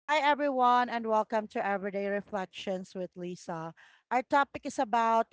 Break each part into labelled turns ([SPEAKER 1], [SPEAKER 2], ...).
[SPEAKER 1] Hi, everyone, and welcome to Everyday Reflections with Lisa. Our topic is about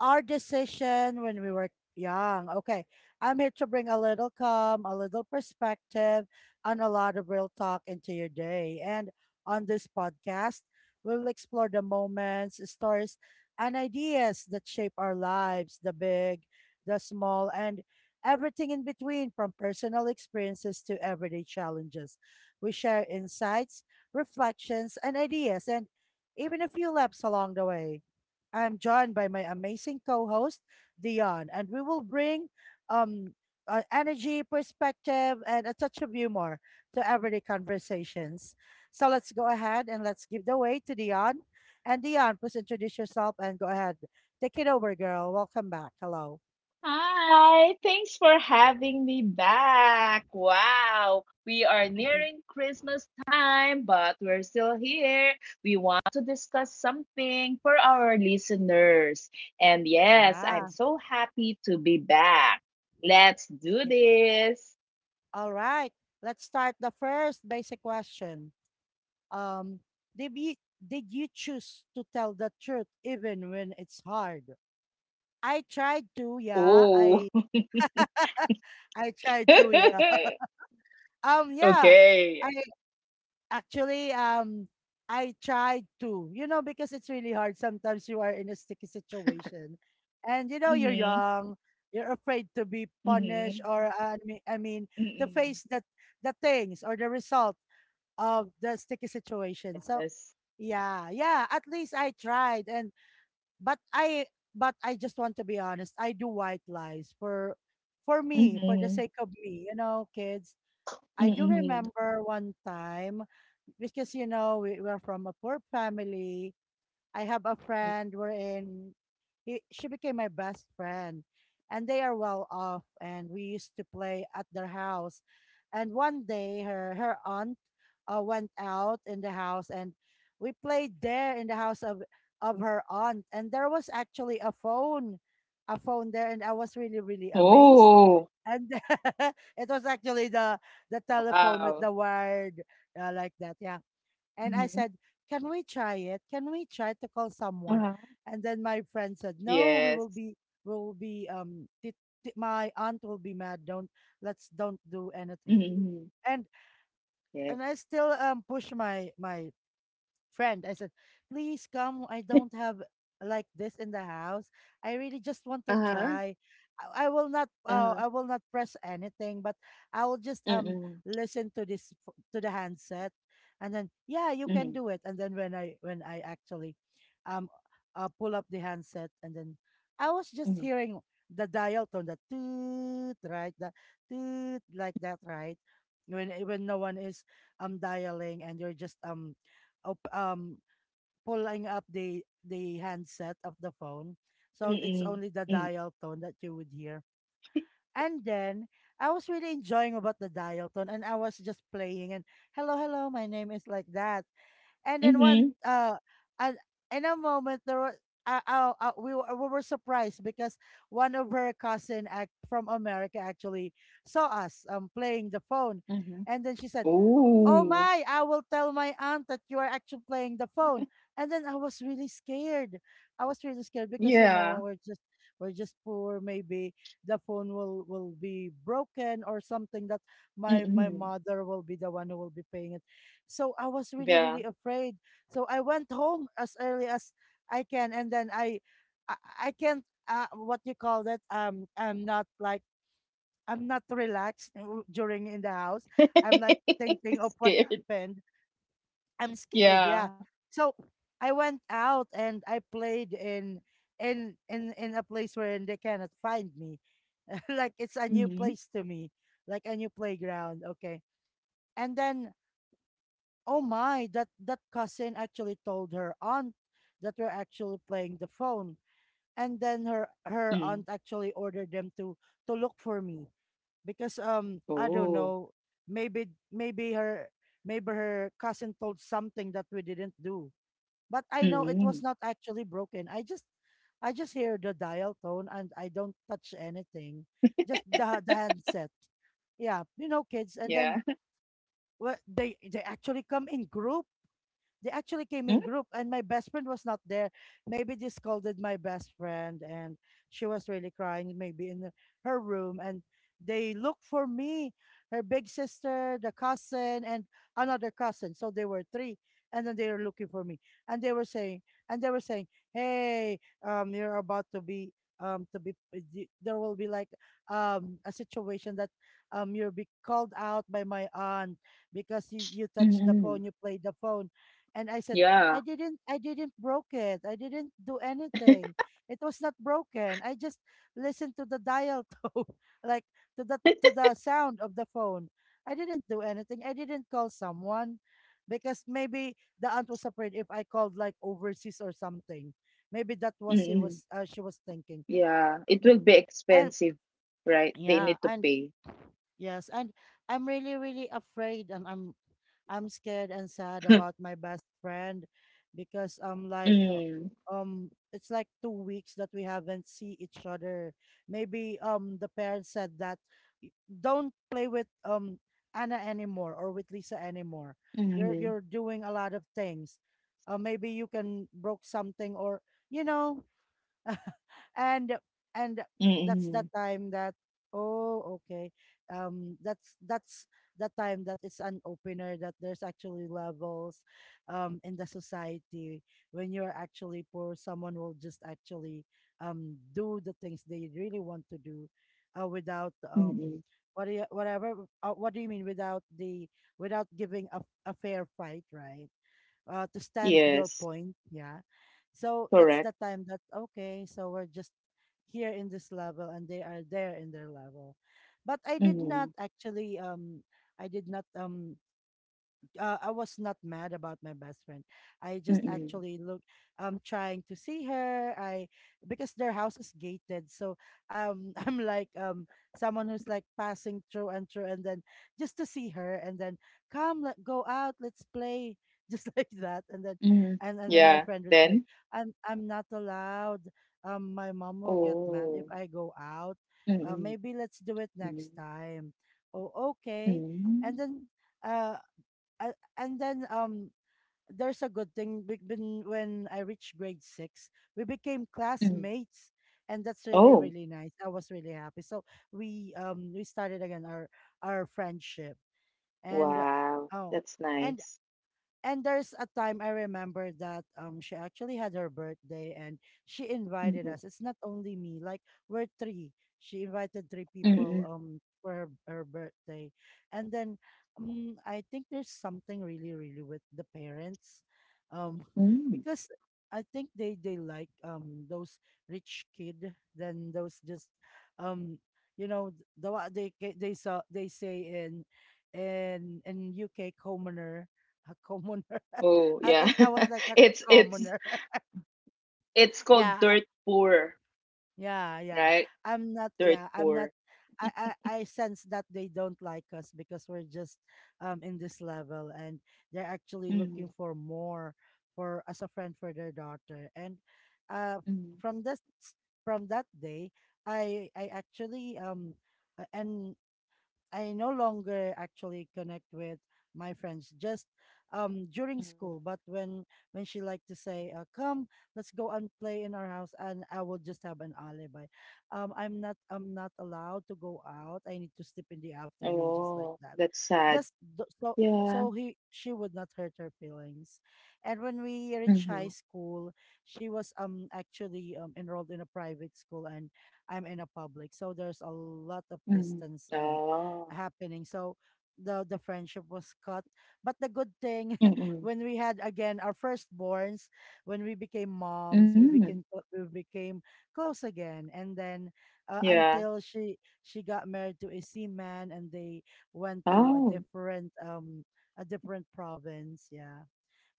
[SPEAKER 1] our decision when we were young. Okay, I'm here to bring a little calm, a little perspective, and a lot of real talk into your day. And on this podcast, we'll explore the moments, stories, and ideas that shape our lives, the big, the small, and everything in between, from personal experiences to everyday challenges. We share insights, reflections, and ideas, and even a few laps along the way. I'm joined by my amazing co host, Dion, and we will bring um, energy, perspective, and a touch of humor to everyday conversations. So let's go ahead and let's give the way to Dion. And Dion, please introduce yourself and go ahead. Take it over, girl. Welcome back. Hello.
[SPEAKER 2] Hi, thanks for having me back. Wow, we are nearing Christmas time, but we're still here. We want to discuss something for our listeners. And yes, I'm
[SPEAKER 1] Ah,
[SPEAKER 2] so happy to be back. Let's do
[SPEAKER 1] yeah.
[SPEAKER 2] this.
[SPEAKER 1] All right. Let's start the first basic question. um did you did you choose to tell the truth even when it's hard? I tried to, yeah.
[SPEAKER 2] Oh,
[SPEAKER 1] I I tried to, yeah. Yeah,
[SPEAKER 2] okay.
[SPEAKER 1] I actually, I tried to, you know, because it's really hard. Sometimes you are in a sticky situation, and you know, you're
[SPEAKER 2] Mm-hmm.
[SPEAKER 1] young, you're afraid to be punished,
[SPEAKER 2] Mm-hmm.
[SPEAKER 1] or I mean, to
[SPEAKER 2] Mm-hmm.
[SPEAKER 1] face the things or the result of the sticky situation. So
[SPEAKER 2] Yes.
[SPEAKER 1] yeah, yeah, at least I tried. And but I but I just want to be honest. I do white lies for me, for the sake
[SPEAKER 2] Mm-hmm.
[SPEAKER 1] of me. You know, kids. I do
[SPEAKER 2] Mm-hmm. Mm-hmm.
[SPEAKER 1] remember one time because you know we were from a poor family. I have a friend wherein he, she became my best friend, and they are well off, and we used to play at their house. And one day, her aunt went out in the house, and we played there in the house of her aunt. And there was actually a phone there, and I was really really amazed.
[SPEAKER 2] Oh,
[SPEAKER 1] And it was actually the telephone with the
[SPEAKER 2] wow.
[SPEAKER 1] wired, like that. Yeah. And I said,
[SPEAKER 2] Mhm.
[SPEAKER 1] can we try it? Can we try to call someone?
[SPEAKER 2] Uh-huh.
[SPEAKER 1] And then my friend said, no,
[SPEAKER 2] Yes.
[SPEAKER 1] we will be, my aunt will be mad. Don't, let's don't do anything.
[SPEAKER 2] Mhm.
[SPEAKER 1] And, and I
[SPEAKER 2] Yes.
[SPEAKER 1] still, push my, my friend. I said, please come. I don't have like this in the house. I really just want to try.
[SPEAKER 2] Uh-huh.
[SPEAKER 1] I will not, I
[SPEAKER 2] Uh-huh.
[SPEAKER 1] will not press anything, but I will just
[SPEAKER 2] Mm-mm.
[SPEAKER 1] listen to to the handset and then, yeah, you can do
[SPEAKER 2] Mhm.
[SPEAKER 1] it. And then when I actually um pull up the handset, and then I was just
[SPEAKER 2] Mhm.
[SPEAKER 1] hearing the dial tone, the toot, right? The toot, like that, right? When no one is dialing and you're just op- um pulling up the handset of the phone. So it's
[SPEAKER 2] Mm-mm.
[SPEAKER 1] only the
[SPEAKER 2] Mm.
[SPEAKER 1] dial tone that you would hear. And then I was really enjoying about the dial tone, and I was just playing and hello, hello, my name, is like that. And then one
[SPEAKER 2] Mhm.
[SPEAKER 1] and in a moment there was, we were surprised because one of her cousin act from America actually saw us playing the phone,
[SPEAKER 2] Mhm.
[SPEAKER 1] and then she said, oh
[SPEAKER 2] Ooh.
[SPEAKER 1] my, I will tell my aunt that you are actually playing the phone. And then I was really scared. I was really scared because you
[SPEAKER 2] Yeah.
[SPEAKER 1] know we're just poor. Maybe the phone will be broken, or something that my
[SPEAKER 2] Mm-mm.
[SPEAKER 1] mother will be the one who will be paying it. So I was really
[SPEAKER 2] Yeah.
[SPEAKER 1] really afraid. So I went home as early as I can, and then I, I can't. What you call that? I'm not like, I'm not relaxed during in the house. I'm like thinking of what
[SPEAKER 2] Scared.
[SPEAKER 1] happened. I'm scared.
[SPEAKER 2] Yeah.
[SPEAKER 1] Yeah. So I went out and I played in a place where they cannot find me. Like it's a new
[SPEAKER 2] Mhm.
[SPEAKER 1] place to me, like a new playground. Okay. And then, oh my, that that cousin actually told her aunt that we're actually playing the phone. And then her
[SPEAKER 2] Mm.
[SPEAKER 1] aunt actually ordered them to look for me because I don't
[SPEAKER 2] Oh.
[SPEAKER 1] know, maybe maybe her maybe her cousin told something that we didn't do, but I know it
[SPEAKER 2] Mhm.
[SPEAKER 1] was not actually broken. I just hear the dial tone, and I don't touch anything, just the handset. Yeah, you know, kids. And
[SPEAKER 2] Yeah.
[SPEAKER 1] then, well, they actually come in group, they actually came
[SPEAKER 2] Mm.
[SPEAKER 1] in group, and my best friend was not there. Maybe they scolded my best friend, and she was really crying, maybe in her room. And they looked for me, her big sister, the cousin, and another cousin. So they were three, and then they were looking for me, and they were saying, and they were saying, "Hey, you're about to be." um to be there will be like a situation that you'll be called out by my aunt because you touched the
[SPEAKER 2] Mhm.
[SPEAKER 1] phone, you played the phone. And I said,
[SPEAKER 2] Yeah.
[SPEAKER 1] I didn't broke it. I didn't do anything. It was not broken. I just listened to the dial tone, like, to the sound of the phone. I didn't do anything. I didn't call someone because maybe the aunt was afraid if I called like overseas or something. Maybe that was, she was,
[SPEAKER 2] Mhm.
[SPEAKER 1] she was thinking.
[SPEAKER 2] Yeah. It will be
[SPEAKER 1] And
[SPEAKER 2] expensive, right? They
[SPEAKER 1] yeah,
[SPEAKER 2] need to
[SPEAKER 1] and
[SPEAKER 2] pay.
[SPEAKER 1] Yes, and I'm really, really afraid, and I'm scared and sad about my best friend because
[SPEAKER 2] Mm.
[SPEAKER 1] it's like 2 weeks that we haven't see each other. Maybe the parents said that, Don't play with Anna anymore, or with Lisa anymore. You're
[SPEAKER 2] Mhm.
[SPEAKER 1] doing a lot of things. Maybe you can broke something, or you know." and and that's the
[SPEAKER 2] Mhm.
[SPEAKER 1] time that, oh okay, that's the time that, it's an opener that there's actually levels in the society. When you're actually poor, someone will just actually do the things they really want to do, without
[SPEAKER 2] Mm-mm.
[SPEAKER 1] what do you, whatever, what do you mean, without the, without giving a fair fight, right, to stand your
[SPEAKER 2] Yes,
[SPEAKER 1] point. Yeah. So that's
[SPEAKER 2] correct.
[SPEAKER 1] the time that, okay, so we're just here in this level and they are there in their level. But I did not
[SPEAKER 2] Mm-mm.
[SPEAKER 1] actually, I did not um, I was not mad about my best friend. I just
[SPEAKER 2] Mm-mm.
[SPEAKER 1] actually look, I'm trying to see her. I, because their house is gated. So I'm like, someone who's like passing through and through, and then just to see her and then, come, let go out, let's play, just like that. And then
[SPEAKER 2] Mm-mm.
[SPEAKER 1] and then my
[SPEAKER 2] Yeah,
[SPEAKER 1] friend would say,
[SPEAKER 2] then?
[SPEAKER 1] I'm not allowed. My mom will get mad if
[SPEAKER 2] Oh.
[SPEAKER 1] I go out. Uh,
[SPEAKER 2] Mm-mm.
[SPEAKER 1] maybe let's do it next
[SPEAKER 2] Mm-mm.
[SPEAKER 1] time. Oh, okay. And
[SPEAKER 2] Mm-mm.
[SPEAKER 1] then uh and then there's a good thing been when I reached grade six, we became
[SPEAKER 2] Mm.
[SPEAKER 1] classmates, and that's really
[SPEAKER 2] Oh,
[SPEAKER 1] really nice. I was really happy. So we, we started again our friendship, and
[SPEAKER 2] wow.
[SPEAKER 1] oh,
[SPEAKER 2] That's
[SPEAKER 1] and
[SPEAKER 2] nice.
[SPEAKER 1] and there's a time I remember that she actually had her birthday, and she invited
[SPEAKER 2] Mm-mm.
[SPEAKER 1] us. It's not only me, like, we're three. She invited three people
[SPEAKER 2] Mm-mm.
[SPEAKER 1] for her birthday. And then I think there's something really, really with the parents. Um,
[SPEAKER 2] Mm.
[SPEAKER 1] because I think they like those rich kid than those just um you know, the, what they they saw they say in UK, commoner, a commoner.
[SPEAKER 2] Oh,
[SPEAKER 1] I
[SPEAKER 2] yeah.
[SPEAKER 1] think I was like a
[SPEAKER 2] It's it's
[SPEAKER 1] commoner.
[SPEAKER 2] it's called
[SPEAKER 1] Yeah,
[SPEAKER 2] dirt poor,
[SPEAKER 1] yeah, yeah.
[SPEAKER 2] right?
[SPEAKER 1] I'm not.
[SPEAKER 2] Dirt
[SPEAKER 1] Yeah, I'm not.
[SPEAKER 2] poor.
[SPEAKER 1] I sense that they don't like us because we're just in this level, and they're actually looking
[SPEAKER 2] Mm-mm.
[SPEAKER 1] for more, for as a friend for their daughter. And uh,
[SPEAKER 2] Mm.
[SPEAKER 1] from this from that day, I actually, and I no longer actually connect with my friends, just during
[SPEAKER 2] Mm.
[SPEAKER 1] school, but when she liked to say, come, let's go and play in our house, and I will just have an alibi, I'm not allowed to go out, I need to sleep in the afternoon, just like
[SPEAKER 2] Oh,
[SPEAKER 1] that,
[SPEAKER 2] that's sad.
[SPEAKER 1] just so
[SPEAKER 2] Yeah.
[SPEAKER 1] so he she would not hurt her feelings. And when we reached
[SPEAKER 2] Mm-hmm.
[SPEAKER 1] high school, she was actually enrolled in a private school, and I'm in a public, so there's a lot of
[SPEAKER 2] Mm-hmm.
[SPEAKER 1] distance
[SPEAKER 2] Oh.
[SPEAKER 1] happening. So the friendship was cut. But the good thing,
[SPEAKER 2] Mm-mm.
[SPEAKER 1] when we had again our firstborns, when we became moms, we
[SPEAKER 2] Mm.
[SPEAKER 1] became we became close again. And then
[SPEAKER 2] Yeah.
[SPEAKER 1] until she got married to a seaman, and they went to
[SPEAKER 2] Oh,
[SPEAKER 1] a different province. Yeah.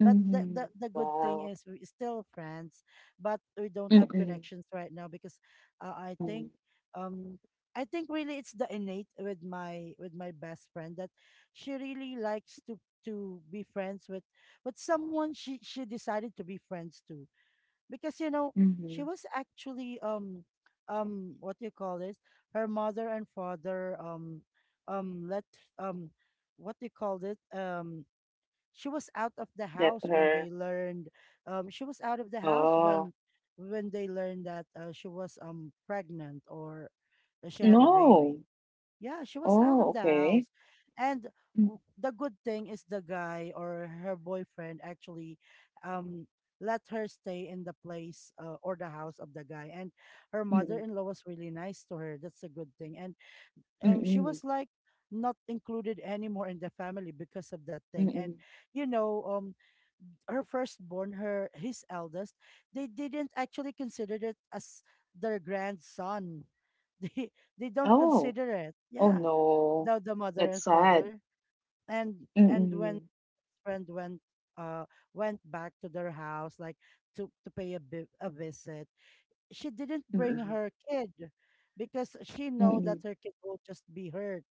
[SPEAKER 1] But the, the
[SPEAKER 2] mhm.
[SPEAKER 1] the good thing
[SPEAKER 2] Wow.
[SPEAKER 1] is we're still friends, but we don't have
[SPEAKER 2] Mm-mm,
[SPEAKER 1] connections right now because uh, I
[SPEAKER 2] mm,
[SPEAKER 1] think um I think really it's the innate with my best friend that she really likes to be friends with someone she decided to be friends to. Because, she
[SPEAKER 2] mhm.
[SPEAKER 1] was actually, what do you call this, her mother and father, let, um what do you call it, she was out of the
[SPEAKER 2] Let
[SPEAKER 1] house when
[SPEAKER 2] her
[SPEAKER 1] they learned, she was out of the house
[SPEAKER 2] Oh,
[SPEAKER 1] when they learned that, she was pregnant, or that she had a baby.
[SPEAKER 2] no.
[SPEAKER 1] Yeah, she was out
[SPEAKER 2] Oh,
[SPEAKER 1] of the
[SPEAKER 2] okay.
[SPEAKER 1] house. And
[SPEAKER 2] Mm,
[SPEAKER 1] the good thing is the guy, or her boyfriend, actually, um let her stay in the place, or the house of the guy. And her
[SPEAKER 2] mm-mm,
[SPEAKER 1] mother-in-law was really nice to her, that's a good thing. And she
[SPEAKER 2] mm-mm,
[SPEAKER 1] was like not included anymore in the family because of that thing.
[SPEAKER 2] mm.
[SPEAKER 1] And you know, her firstborn, her his eldest, they didn't actually consider it as their grandson. They, don't
[SPEAKER 2] Oh,
[SPEAKER 1] consider it,
[SPEAKER 2] oh
[SPEAKER 1] yeah.
[SPEAKER 2] no.
[SPEAKER 1] The mother and
[SPEAKER 2] That's sad.
[SPEAKER 1] father. And when
[SPEAKER 2] Mm-mm,
[SPEAKER 1] friend went, uh went back to their house, like, to pay, a visit. She didn't bring
[SPEAKER 2] mm-mm,
[SPEAKER 1] her kid, because she know that
[SPEAKER 2] mm-mm.
[SPEAKER 1] her kid will just be hurt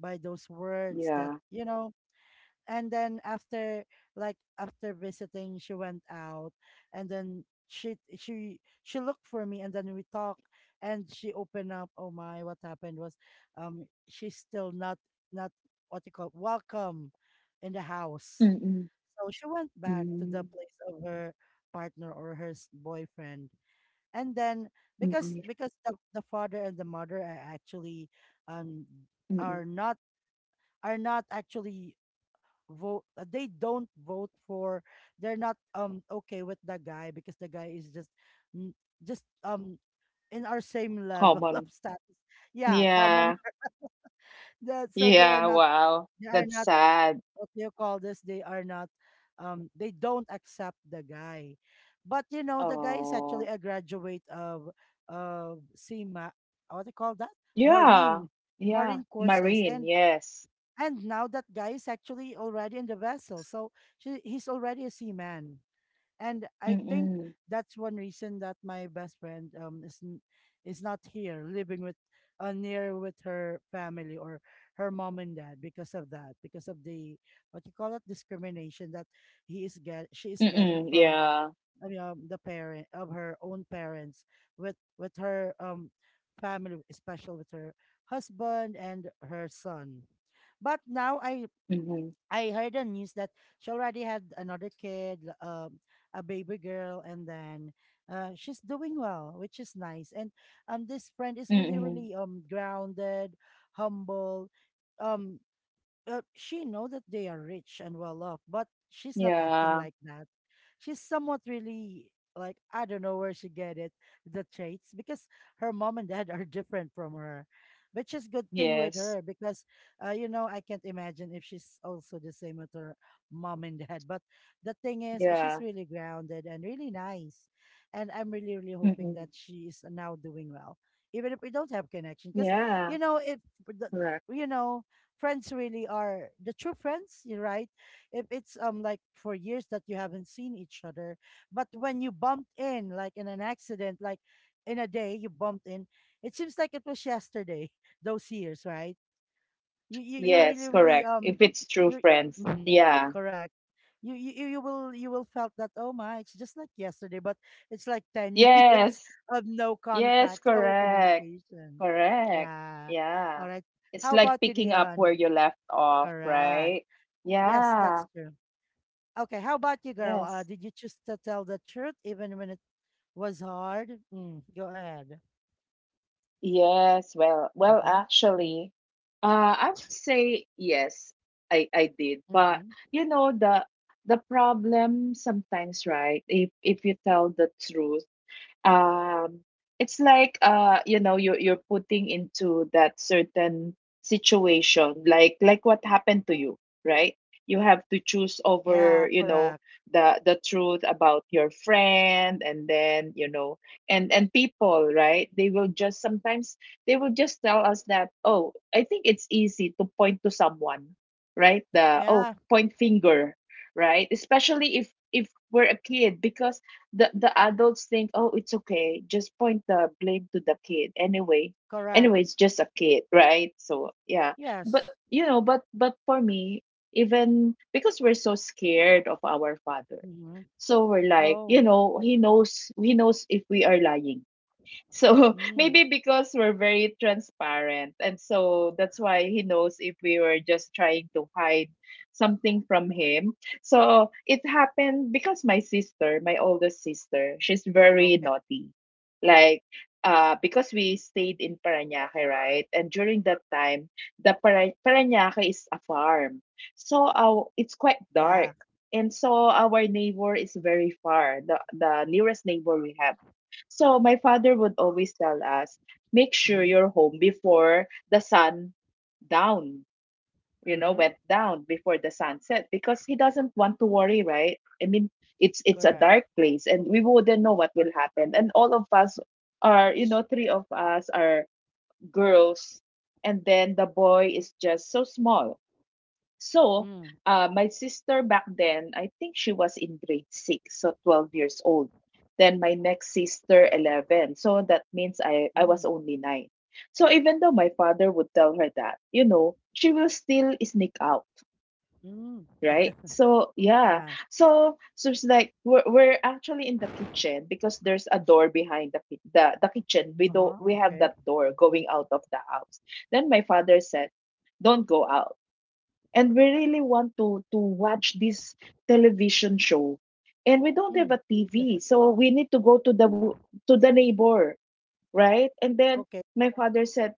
[SPEAKER 1] by those words that,
[SPEAKER 2] Yeah.
[SPEAKER 1] you know. And then after, like, after visiting, she went out. And then she looked for me, and then we talk, and she opened up. Oh my, what happened was, she's still not, not what you call, welcome in the house.
[SPEAKER 2] Mm-mm,
[SPEAKER 1] So she went back to the
[SPEAKER 2] mm,
[SPEAKER 1] place of her partner, or her boyfriend. And then, because
[SPEAKER 2] mm-mm,
[SPEAKER 1] because the father and the mother are actually, um
[SPEAKER 2] mm-mm.
[SPEAKER 1] are not, actually vote, they don't vote for, they're not okay with the guy, because the guy is just, n- just, in our same level of
[SPEAKER 2] Common.
[SPEAKER 1] status. Yeah, common.
[SPEAKER 2] Yeah.
[SPEAKER 1] So they are
[SPEAKER 2] Yeah.
[SPEAKER 1] not,
[SPEAKER 2] Wow.
[SPEAKER 1] they are
[SPEAKER 2] That's
[SPEAKER 1] not
[SPEAKER 2] sad.
[SPEAKER 1] what do you call this? They are not, they don't accept the guy. But you know, the guy is actually
[SPEAKER 2] Oh,
[SPEAKER 1] a graduate of SEMA, what do you call that?
[SPEAKER 2] yeah.
[SPEAKER 1] Marine,
[SPEAKER 2] Yeah.
[SPEAKER 1] marine courses.
[SPEAKER 2] Marine.
[SPEAKER 1] And
[SPEAKER 2] Yes.
[SPEAKER 1] now that guy is actually already in the vessel. So she, he's already a seaman. And I think
[SPEAKER 2] Mm.
[SPEAKER 1] that's one reason that my best friend is is not here living with, near with her family, or her mom and dad, because of that, because of the, what you call it, discrimination that, he is get she is getting
[SPEAKER 2] Mm,
[SPEAKER 1] from,
[SPEAKER 2] yeah.
[SPEAKER 1] I mean, the parent of her own parents, with her family, especially with her husband and her son. But now I
[SPEAKER 2] Mhm.
[SPEAKER 1] I heard the news that she already had another kid, a baby girl, and then, she's doing well, which is nice. And, this friend is really,
[SPEAKER 2] Mm.
[SPEAKER 1] really grounded, humble. Um, she know that they are rich and well off, but she's not acting
[SPEAKER 2] Yeah.
[SPEAKER 1] like that. She's somewhat really, like, I don't know where she get it, the traits, because her mom and dad are different from her, which is good thing with her,
[SPEAKER 2] Yes.
[SPEAKER 1] because, I can't imagine if she's also the same with her mom and dad. But the thing is, she's
[SPEAKER 2] Yeah.
[SPEAKER 1] really grounded and really nice, and I'm really really hoping that
[SPEAKER 2] Mhm.
[SPEAKER 1] she is now doing well. Even if we don't have connection, because,
[SPEAKER 2] Yeah.
[SPEAKER 1] if the,
[SPEAKER 2] Correct.
[SPEAKER 1] you know friends really are the true friends. You're right, if it's, like, for years that you haven't seen each other, but when you bumped in, like, in an accident, like, in a day you bumped in, it seems like it was yesterday. Those years, right? you
[SPEAKER 2] Yes,
[SPEAKER 1] really really
[SPEAKER 2] correct. If it's true
[SPEAKER 1] you're.
[SPEAKER 2] friends.
[SPEAKER 1] Mhm,
[SPEAKER 2] Yeah.
[SPEAKER 1] correct. You you will felt that, oh my, it's just like yesterday, but it's like 10 years
[SPEAKER 2] Yes.
[SPEAKER 1] of no
[SPEAKER 2] Yes,
[SPEAKER 1] contact or
[SPEAKER 2] correct.
[SPEAKER 1] communication.
[SPEAKER 2] Correct.
[SPEAKER 1] Yeah.
[SPEAKER 2] Yeah.
[SPEAKER 1] All right.
[SPEAKER 2] It's
[SPEAKER 1] How
[SPEAKER 2] like
[SPEAKER 1] about you,
[SPEAKER 2] picking up where
[SPEAKER 1] Dion?
[SPEAKER 2] you left off,
[SPEAKER 1] Correct.
[SPEAKER 2] right?
[SPEAKER 1] Yes, that's
[SPEAKER 2] Yeah.
[SPEAKER 1] true. Okay, how about you, girl? Did
[SPEAKER 2] Yes.
[SPEAKER 1] you choose to tell the truth even when it was hard? Mm, go ahead.
[SPEAKER 2] Yes, well,
[SPEAKER 1] Mm-hmm.
[SPEAKER 2] actually, uh, I would say yes, I did, but
[SPEAKER 1] Mm-hmm.
[SPEAKER 2] you know the problem sometimes, right? If you tell the truth, um it's like, you know, you're putting into that certain situation, like what happened to you, right? You have to choose
[SPEAKER 1] Yeah,
[SPEAKER 2] over, you know,
[SPEAKER 1] correct.
[SPEAKER 2] the truth about your friend. And then, you know, and people, right, they will just sometimes, they will just tell us that, oh, I think it's easy to point to someone, right? The, oh,
[SPEAKER 1] Yeah,
[SPEAKER 2] point finger, right, especially if we're a kid, because the adults think, oh, it's okay, just point the blame to the kid anyway.
[SPEAKER 1] correct.
[SPEAKER 2] It's just a kid, right? So yeah. But
[SPEAKER 1] Yes.
[SPEAKER 2] you know, but for me, even because we're so scared of our father,
[SPEAKER 1] Mm-hmm.
[SPEAKER 2] so we're like, you
[SPEAKER 1] Oh,
[SPEAKER 2] know, he knows if we are lying. So
[SPEAKER 1] mm,
[SPEAKER 2] maybe because we're very transparent. And so that's why he knows if we were just trying to hide something from him. So it happened because my sister, my oldest sister, she's very
[SPEAKER 1] okay.
[SPEAKER 2] naughty. Like, because we stayed in Parañaque, right? And during that time, the Parañaque is a farm. So it's quite dark.
[SPEAKER 1] Yeah.
[SPEAKER 2] And so our neighbor is very far, the nearest neighbor we have. So my father would always tell us, make sure
[SPEAKER 1] Mm-hmm.
[SPEAKER 2] you're home before the sun down, you know,
[SPEAKER 1] Mm-hmm.
[SPEAKER 2] went down before the sunset, because he doesn't want to worry, right? I mean, it's a
[SPEAKER 1] Correct.
[SPEAKER 2] dark place and we wouldn't know what will happen. And all of us are, you know, three of us are girls, and then the boy is just so small. So,
[SPEAKER 1] Mm,
[SPEAKER 2] my sister back then, I think she was in grade six, so 12 years old. Then my next sister, 11. So that means I was
[SPEAKER 1] mm,
[SPEAKER 2] only 9. So even though my father would tell her that, you know, she will still sneak out,
[SPEAKER 1] mm.
[SPEAKER 2] right? So yeah.
[SPEAKER 1] Yeah.
[SPEAKER 2] So so it's like we're actually in the kitchen because there's a door behind the the kitchen.
[SPEAKER 1] Uh-huh.
[SPEAKER 2] We have that
[SPEAKER 1] Okay.
[SPEAKER 2] door going out of the house. Then my father said, don't go out. And we really want to watch this television show, and we don't have
[SPEAKER 1] Mm,
[SPEAKER 2] a tv, so we need to go to the w- to the neighbor, right? And then
[SPEAKER 1] okay.
[SPEAKER 2] my father said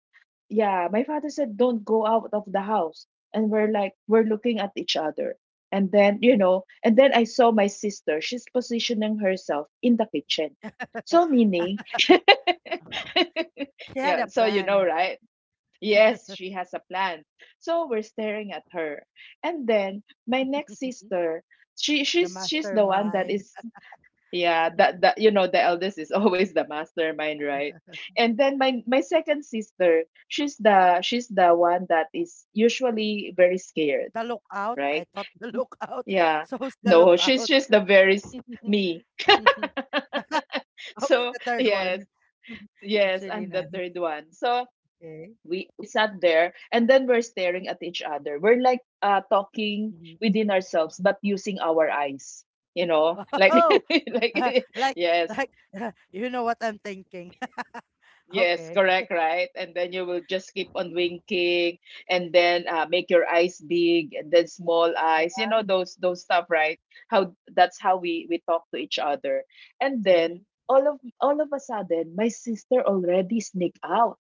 [SPEAKER 2] yeah my father said don't go out of the house. And we're looking at each other. And then,
[SPEAKER 1] Mm.
[SPEAKER 2] you know, and then I saw my sister, she's positioning herself in the kitchen, so meaning
[SPEAKER 1] She had a
[SPEAKER 2] yeah, so you know,
[SPEAKER 1] plan.
[SPEAKER 2] right. Yes, she has a plan. So we're staring at her. And then my next sister, she
[SPEAKER 1] The
[SPEAKER 2] she's she's the one that
[SPEAKER 1] mastermind.
[SPEAKER 2] is, yeah, that, that, you know, the eldest is always the mastermind, right? And then my second sister, she's the one that is usually very scared,
[SPEAKER 1] The Lookout? I
[SPEAKER 2] right?
[SPEAKER 1] thought The Lookout.
[SPEAKER 2] Yeah.
[SPEAKER 1] So it's The
[SPEAKER 2] No, she's
[SPEAKER 1] Lookout?
[SPEAKER 2] she's the very me.
[SPEAKER 1] Okay,
[SPEAKER 2] So,
[SPEAKER 1] the third
[SPEAKER 2] yes,
[SPEAKER 1] one. It's
[SPEAKER 2] yes,
[SPEAKER 1] really
[SPEAKER 2] I'm the
[SPEAKER 1] nice.
[SPEAKER 2] third one. So,
[SPEAKER 1] Okay.
[SPEAKER 2] we sat there and then we're staring at each other, we're like talking
[SPEAKER 1] Mhm.
[SPEAKER 2] within ourselves, but using our eyes, you know, like
[SPEAKER 1] Oh,
[SPEAKER 2] like
[SPEAKER 1] like,
[SPEAKER 2] yes.
[SPEAKER 1] like you know what I'm thinking.
[SPEAKER 2] Yes,
[SPEAKER 1] Okay.
[SPEAKER 2] correct, right? And then you will just keep on winking, and then make your eyes big and then small eyes, you
[SPEAKER 1] Yeah.
[SPEAKER 2] know, those stuff, right? How that's how we talk to each other. And
[SPEAKER 1] Hmm.
[SPEAKER 2] then all of a sudden my sister already sneaked out.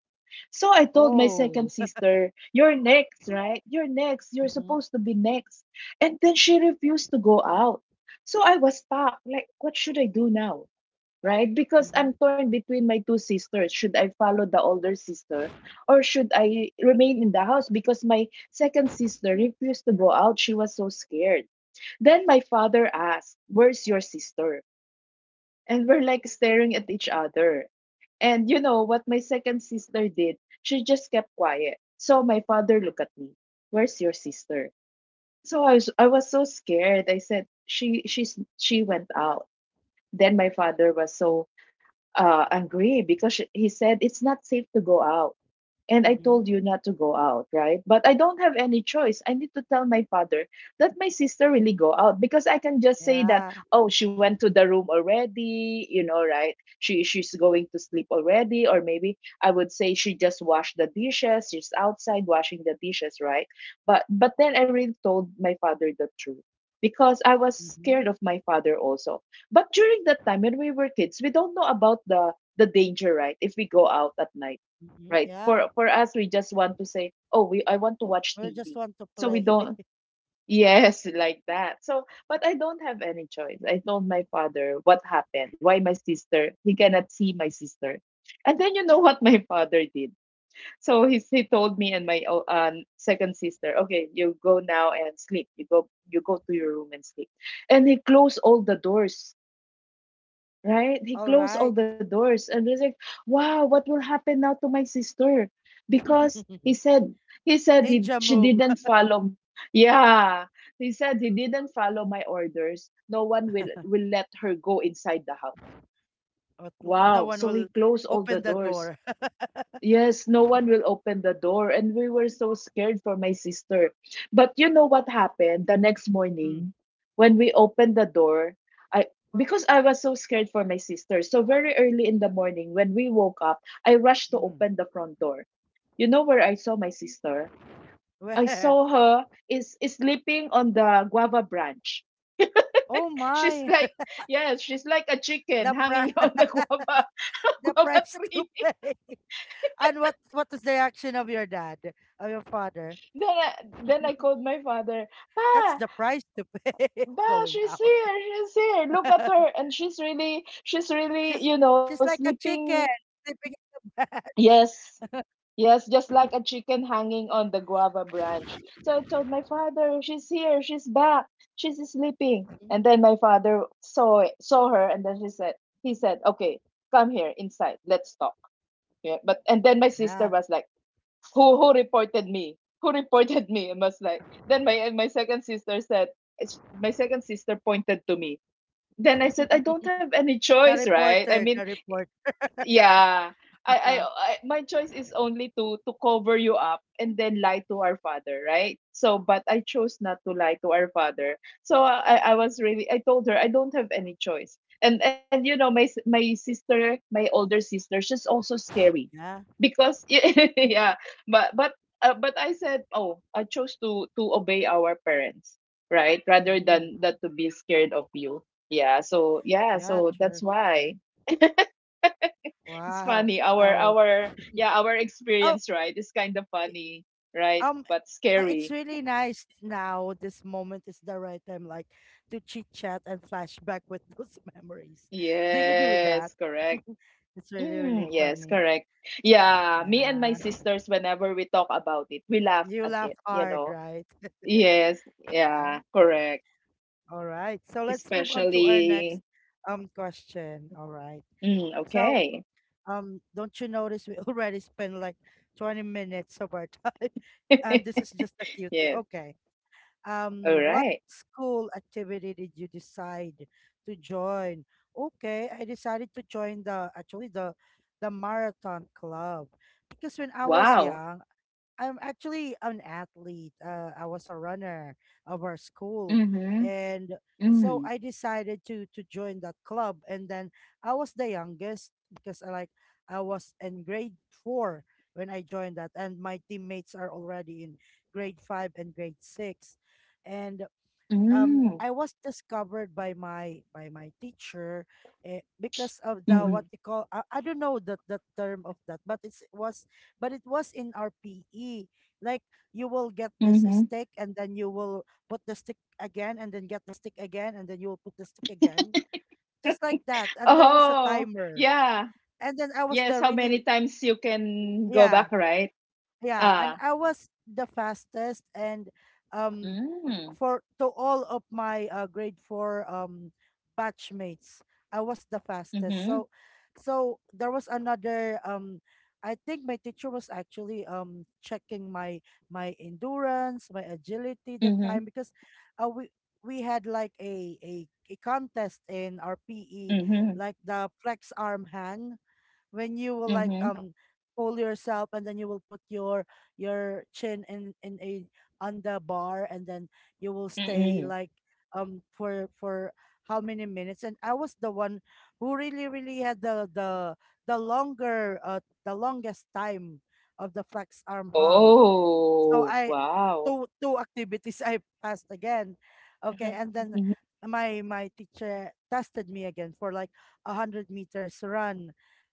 [SPEAKER 2] So I told my second
[SPEAKER 1] Oh.
[SPEAKER 2] sister, you're next, right? You're next. You're
[SPEAKER 1] Mm-hmm.
[SPEAKER 2] supposed to be next. And then she refused to go out. So I was stuck. Like, what should I do now? Right? Because
[SPEAKER 1] Mm-hmm.
[SPEAKER 2] I'm torn between my two sisters. Should I follow the older sister, or should I remain in the house? Because my second sister refused to go out. She was so scared. Then my father asked, where's your sister? And we're like staring at each other. And you know what my second sister did? She just kept quiet. So my father looked at me. Where's your sister? So I was so scared. I said she she went out. Then my father was so angry because he said it's not safe to go out and I told
[SPEAKER 1] Mm-hmm.
[SPEAKER 2] you not to go out, right? But I don't have any choice. I need to tell my father that my sister really go out because I can just say that,
[SPEAKER 1] Yeah.
[SPEAKER 2] oh, she went to the room already, you know, right? She's going to sleep already, or maybe I would say she just washed the dishes, she's outside washing the dishes, right? But then I really told my father the truth, because I was
[SPEAKER 1] Mm-hmm.
[SPEAKER 2] scared of my father also. But during that time when we were kids, we don't know about the danger, right? If we go out at night,
[SPEAKER 1] Mm-hmm.
[SPEAKER 2] right?
[SPEAKER 1] Yeah.
[SPEAKER 2] For us we just want to say, oh, we, I want to watch
[SPEAKER 1] We just
[SPEAKER 2] tv.
[SPEAKER 1] want to
[SPEAKER 2] So we
[SPEAKER 1] play.
[SPEAKER 2] don't yes, like that. So but I don't have any choice, I told my father what happened, why my sister, he cannot see my sister. And then you know what my father did? So he told me and my second sister, okay, you go now and sleep, you go to your room and sleep. And he closed all the doors, right? He
[SPEAKER 1] All
[SPEAKER 2] closed all
[SPEAKER 1] right.
[SPEAKER 2] the doors and was like, wow, what will happen now to my sister? Because he said, he said he,
[SPEAKER 1] Ninja
[SPEAKER 2] she
[SPEAKER 1] move.
[SPEAKER 2] didn't follow. Yeah, he said he didn't follow my orders. No one will let her go inside the house.
[SPEAKER 1] Oh, no
[SPEAKER 2] Wow.
[SPEAKER 1] one
[SPEAKER 2] So
[SPEAKER 1] will
[SPEAKER 2] he closed all the
[SPEAKER 1] open the
[SPEAKER 2] doors.
[SPEAKER 1] door.
[SPEAKER 2] Yes, no one will open the door. And we were so scared for my sister. But you know what happened the next morning when we opened the door? I Because I was so scared for my sister. So very early in the morning when we woke up, I rushed to
[SPEAKER 1] Mm-hmm.
[SPEAKER 2] open the front door. You know where I saw my sister? I
[SPEAKER 1] Where?
[SPEAKER 2] saw her, is sleeping on the guava branch.
[SPEAKER 1] Oh
[SPEAKER 2] She's
[SPEAKER 1] my.
[SPEAKER 2] like, yes, she's like a chicken
[SPEAKER 1] The price,
[SPEAKER 2] hanging on the guava
[SPEAKER 1] the
[SPEAKER 2] guava
[SPEAKER 1] price to
[SPEAKER 2] tree.
[SPEAKER 1] pay. And what was the reaction of your dad, of your father?
[SPEAKER 2] Then I, then I called my father,
[SPEAKER 1] That's
[SPEAKER 2] Pa,
[SPEAKER 1] the price to pay of
[SPEAKER 2] Bah,
[SPEAKER 1] going
[SPEAKER 2] she's
[SPEAKER 1] out.
[SPEAKER 2] here, she's here. Look at her. And she's really,
[SPEAKER 1] She's
[SPEAKER 2] you know,
[SPEAKER 1] she's like a
[SPEAKER 2] sleeping.
[SPEAKER 1] chicken sleeping in the branch.
[SPEAKER 2] Yes, yes, just like a chicken hanging on the guava branch. So I told my father, she's here, she's back, she's sleeping. And then my father saw it, saw her, and then he said, okay, come here inside, let's talk. Yeah, but and then my sister
[SPEAKER 1] Yeah,
[SPEAKER 2] was like, who reported me? Who reported me? I was like, then my second sister said, my second sister pointed to me. Then I said I don't
[SPEAKER 1] the
[SPEAKER 2] have any choice, right? I
[SPEAKER 1] reporter,
[SPEAKER 2] mean
[SPEAKER 1] the reporter.
[SPEAKER 2] yeah. I my choice is only to cover you up and then lie to our father, right? So but I chose not to lie to our father. So I was really I told her I don't have any choice. And you know my sister, my older sister, she's also scary.
[SPEAKER 1] Yeah,
[SPEAKER 2] Because yeah, but but but I said, "Oh, I chose to obey our parents, right? Rather
[SPEAKER 1] mm.
[SPEAKER 2] than that to be scared of you." Yeah, so yeah,
[SPEAKER 1] Yeah,
[SPEAKER 2] so
[SPEAKER 1] sure.
[SPEAKER 2] that's why it's funny
[SPEAKER 1] Wow.
[SPEAKER 2] our
[SPEAKER 1] Oh,
[SPEAKER 2] our yeah our experience,
[SPEAKER 1] oh.
[SPEAKER 2] right, is kind of funny right
[SPEAKER 1] um
[SPEAKER 2] but
[SPEAKER 1] it's
[SPEAKER 2] scary.
[SPEAKER 1] really nice. Now this moment is the right time, like, to chit chat and flashback with those memories. Do you do that?
[SPEAKER 2] Yes, correct.
[SPEAKER 1] It's really
[SPEAKER 2] Mm,
[SPEAKER 1] really
[SPEAKER 2] yes,
[SPEAKER 1] funny.
[SPEAKER 2] correct. Yeah, me and my
[SPEAKER 1] Yeah,
[SPEAKER 2] sisters, whenever we talk about it, we laugh
[SPEAKER 1] you
[SPEAKER 2] at
[SPEAKER 1] laugh
[SPEAKER 2] it you
[SPEAKER 1] hard,
[SPEAKER 2] know
[SPEAKER 1] right?
[SPEAKER 2] Yes,
[SPEAKER 1] Yeah.
[SPEAKER 2] yeah, correct.
[SPEAKER 1] All right, so let's move on to our
[SPEAKER 2] Especially.
[SPEAKER 1] next question. All right,
[SPEAKER 2] Mm,
[SPEAKER 1] so,
[SPEAKER 2] okay.
[SPEAKER 1] don't you notice we already spent like 20 minutes of our time and this is just a cute,
[SPEAKER 2] Yes.
[SPEAKER 1] okay.
[SPEAKER 2] All
[SPEAKER 1] What
[SPEAKER 2] right.
[SPEAKER 1] school activity did you decide to join? Okay, I decided to join the, actually, the marathon club, because when I was
[SPEAKER 2] Wow.
[SPEAKER 1] young, I'm actually an athlete. I was a runner of our school,
[SPEAKER 2] Mm-hmm.
[SPEAKER 1] and so
[SPEAKER 2] Mm,
[SPEAKER 1] I decided to join that club. And then I was the youngest, because I like I was in grade four when I joined that, and my teammates are already in grade five and grade six. And,
[SPEAKER 2] mm, mm,
[SPEAKER 1] I was discovered by my teacher, eh, because of the,
[SPEAKER 2] mm,
[SPEAKER 1] what you call, I don't know the term of that, but it was in our PE, like, you will get this
[SPEAKER 2] mm-hmm.
[SPEAKER 1] stick and then you will put the stick again, and then get the stick again, and then you will put the stick again, just like that, and there was a
[SPEAKER 2] Oh,
[SPEAKER 1] timer,
[SPEAKER 2] yeah.
[SPEAKER 1] and then I was
[SPEAKER 2] Yes,
[SPEAKER 1] the
[SPEAKER 2] how many
[SPEAKER 1] really,
[SPEAKER 2] times you can go
[SPEAKER 1] yeah,
[SPEAKER 2] back, right?
[SPEAKER 1] yeah, and
[SPEAKER 2] Ah.
[SPEAKER 1] I was the fastest. And um
[SPEAKER 2] Mm.
[SPEAKER 1] for to all of my, grade 4, batchmates, I was the fastest.
[SPEAKER 2] Mhm.
[SPEAKER 1] So, there was another, I think my teacher was actually, checking my endurance, my agility, that
[SPEAKER 2] Mhm.
[SPEAKER 1] time, because, we had like a contest in our pe,
[SPEAKER 2] Mhm.
[SPEAKER 1] like the flex arm hang, when you will, like,
[SPEAKER 2] Mhm.
[SPEAKER 1] pull yourself, and then you will put your chin in a on the bar, and then you will stay
[SPEAKER 2] Mm.
[SPEAKER 1] like, for how many minutes. And I was the one who really really had the longest time of the flex arm hung. So
[SPEAKER 2] Oh,
[SPEAKER 1] I,
[SPEAKER 2] wow.
[SPEAKER 1] two activities I passed again. Okay,
[SPEAKER 2] Mhm.
[SPEAKER 1] and then
[SPEAKER 2] Mhm.
[SPEAKER 1] my teacher tested me again for like 100 meters run.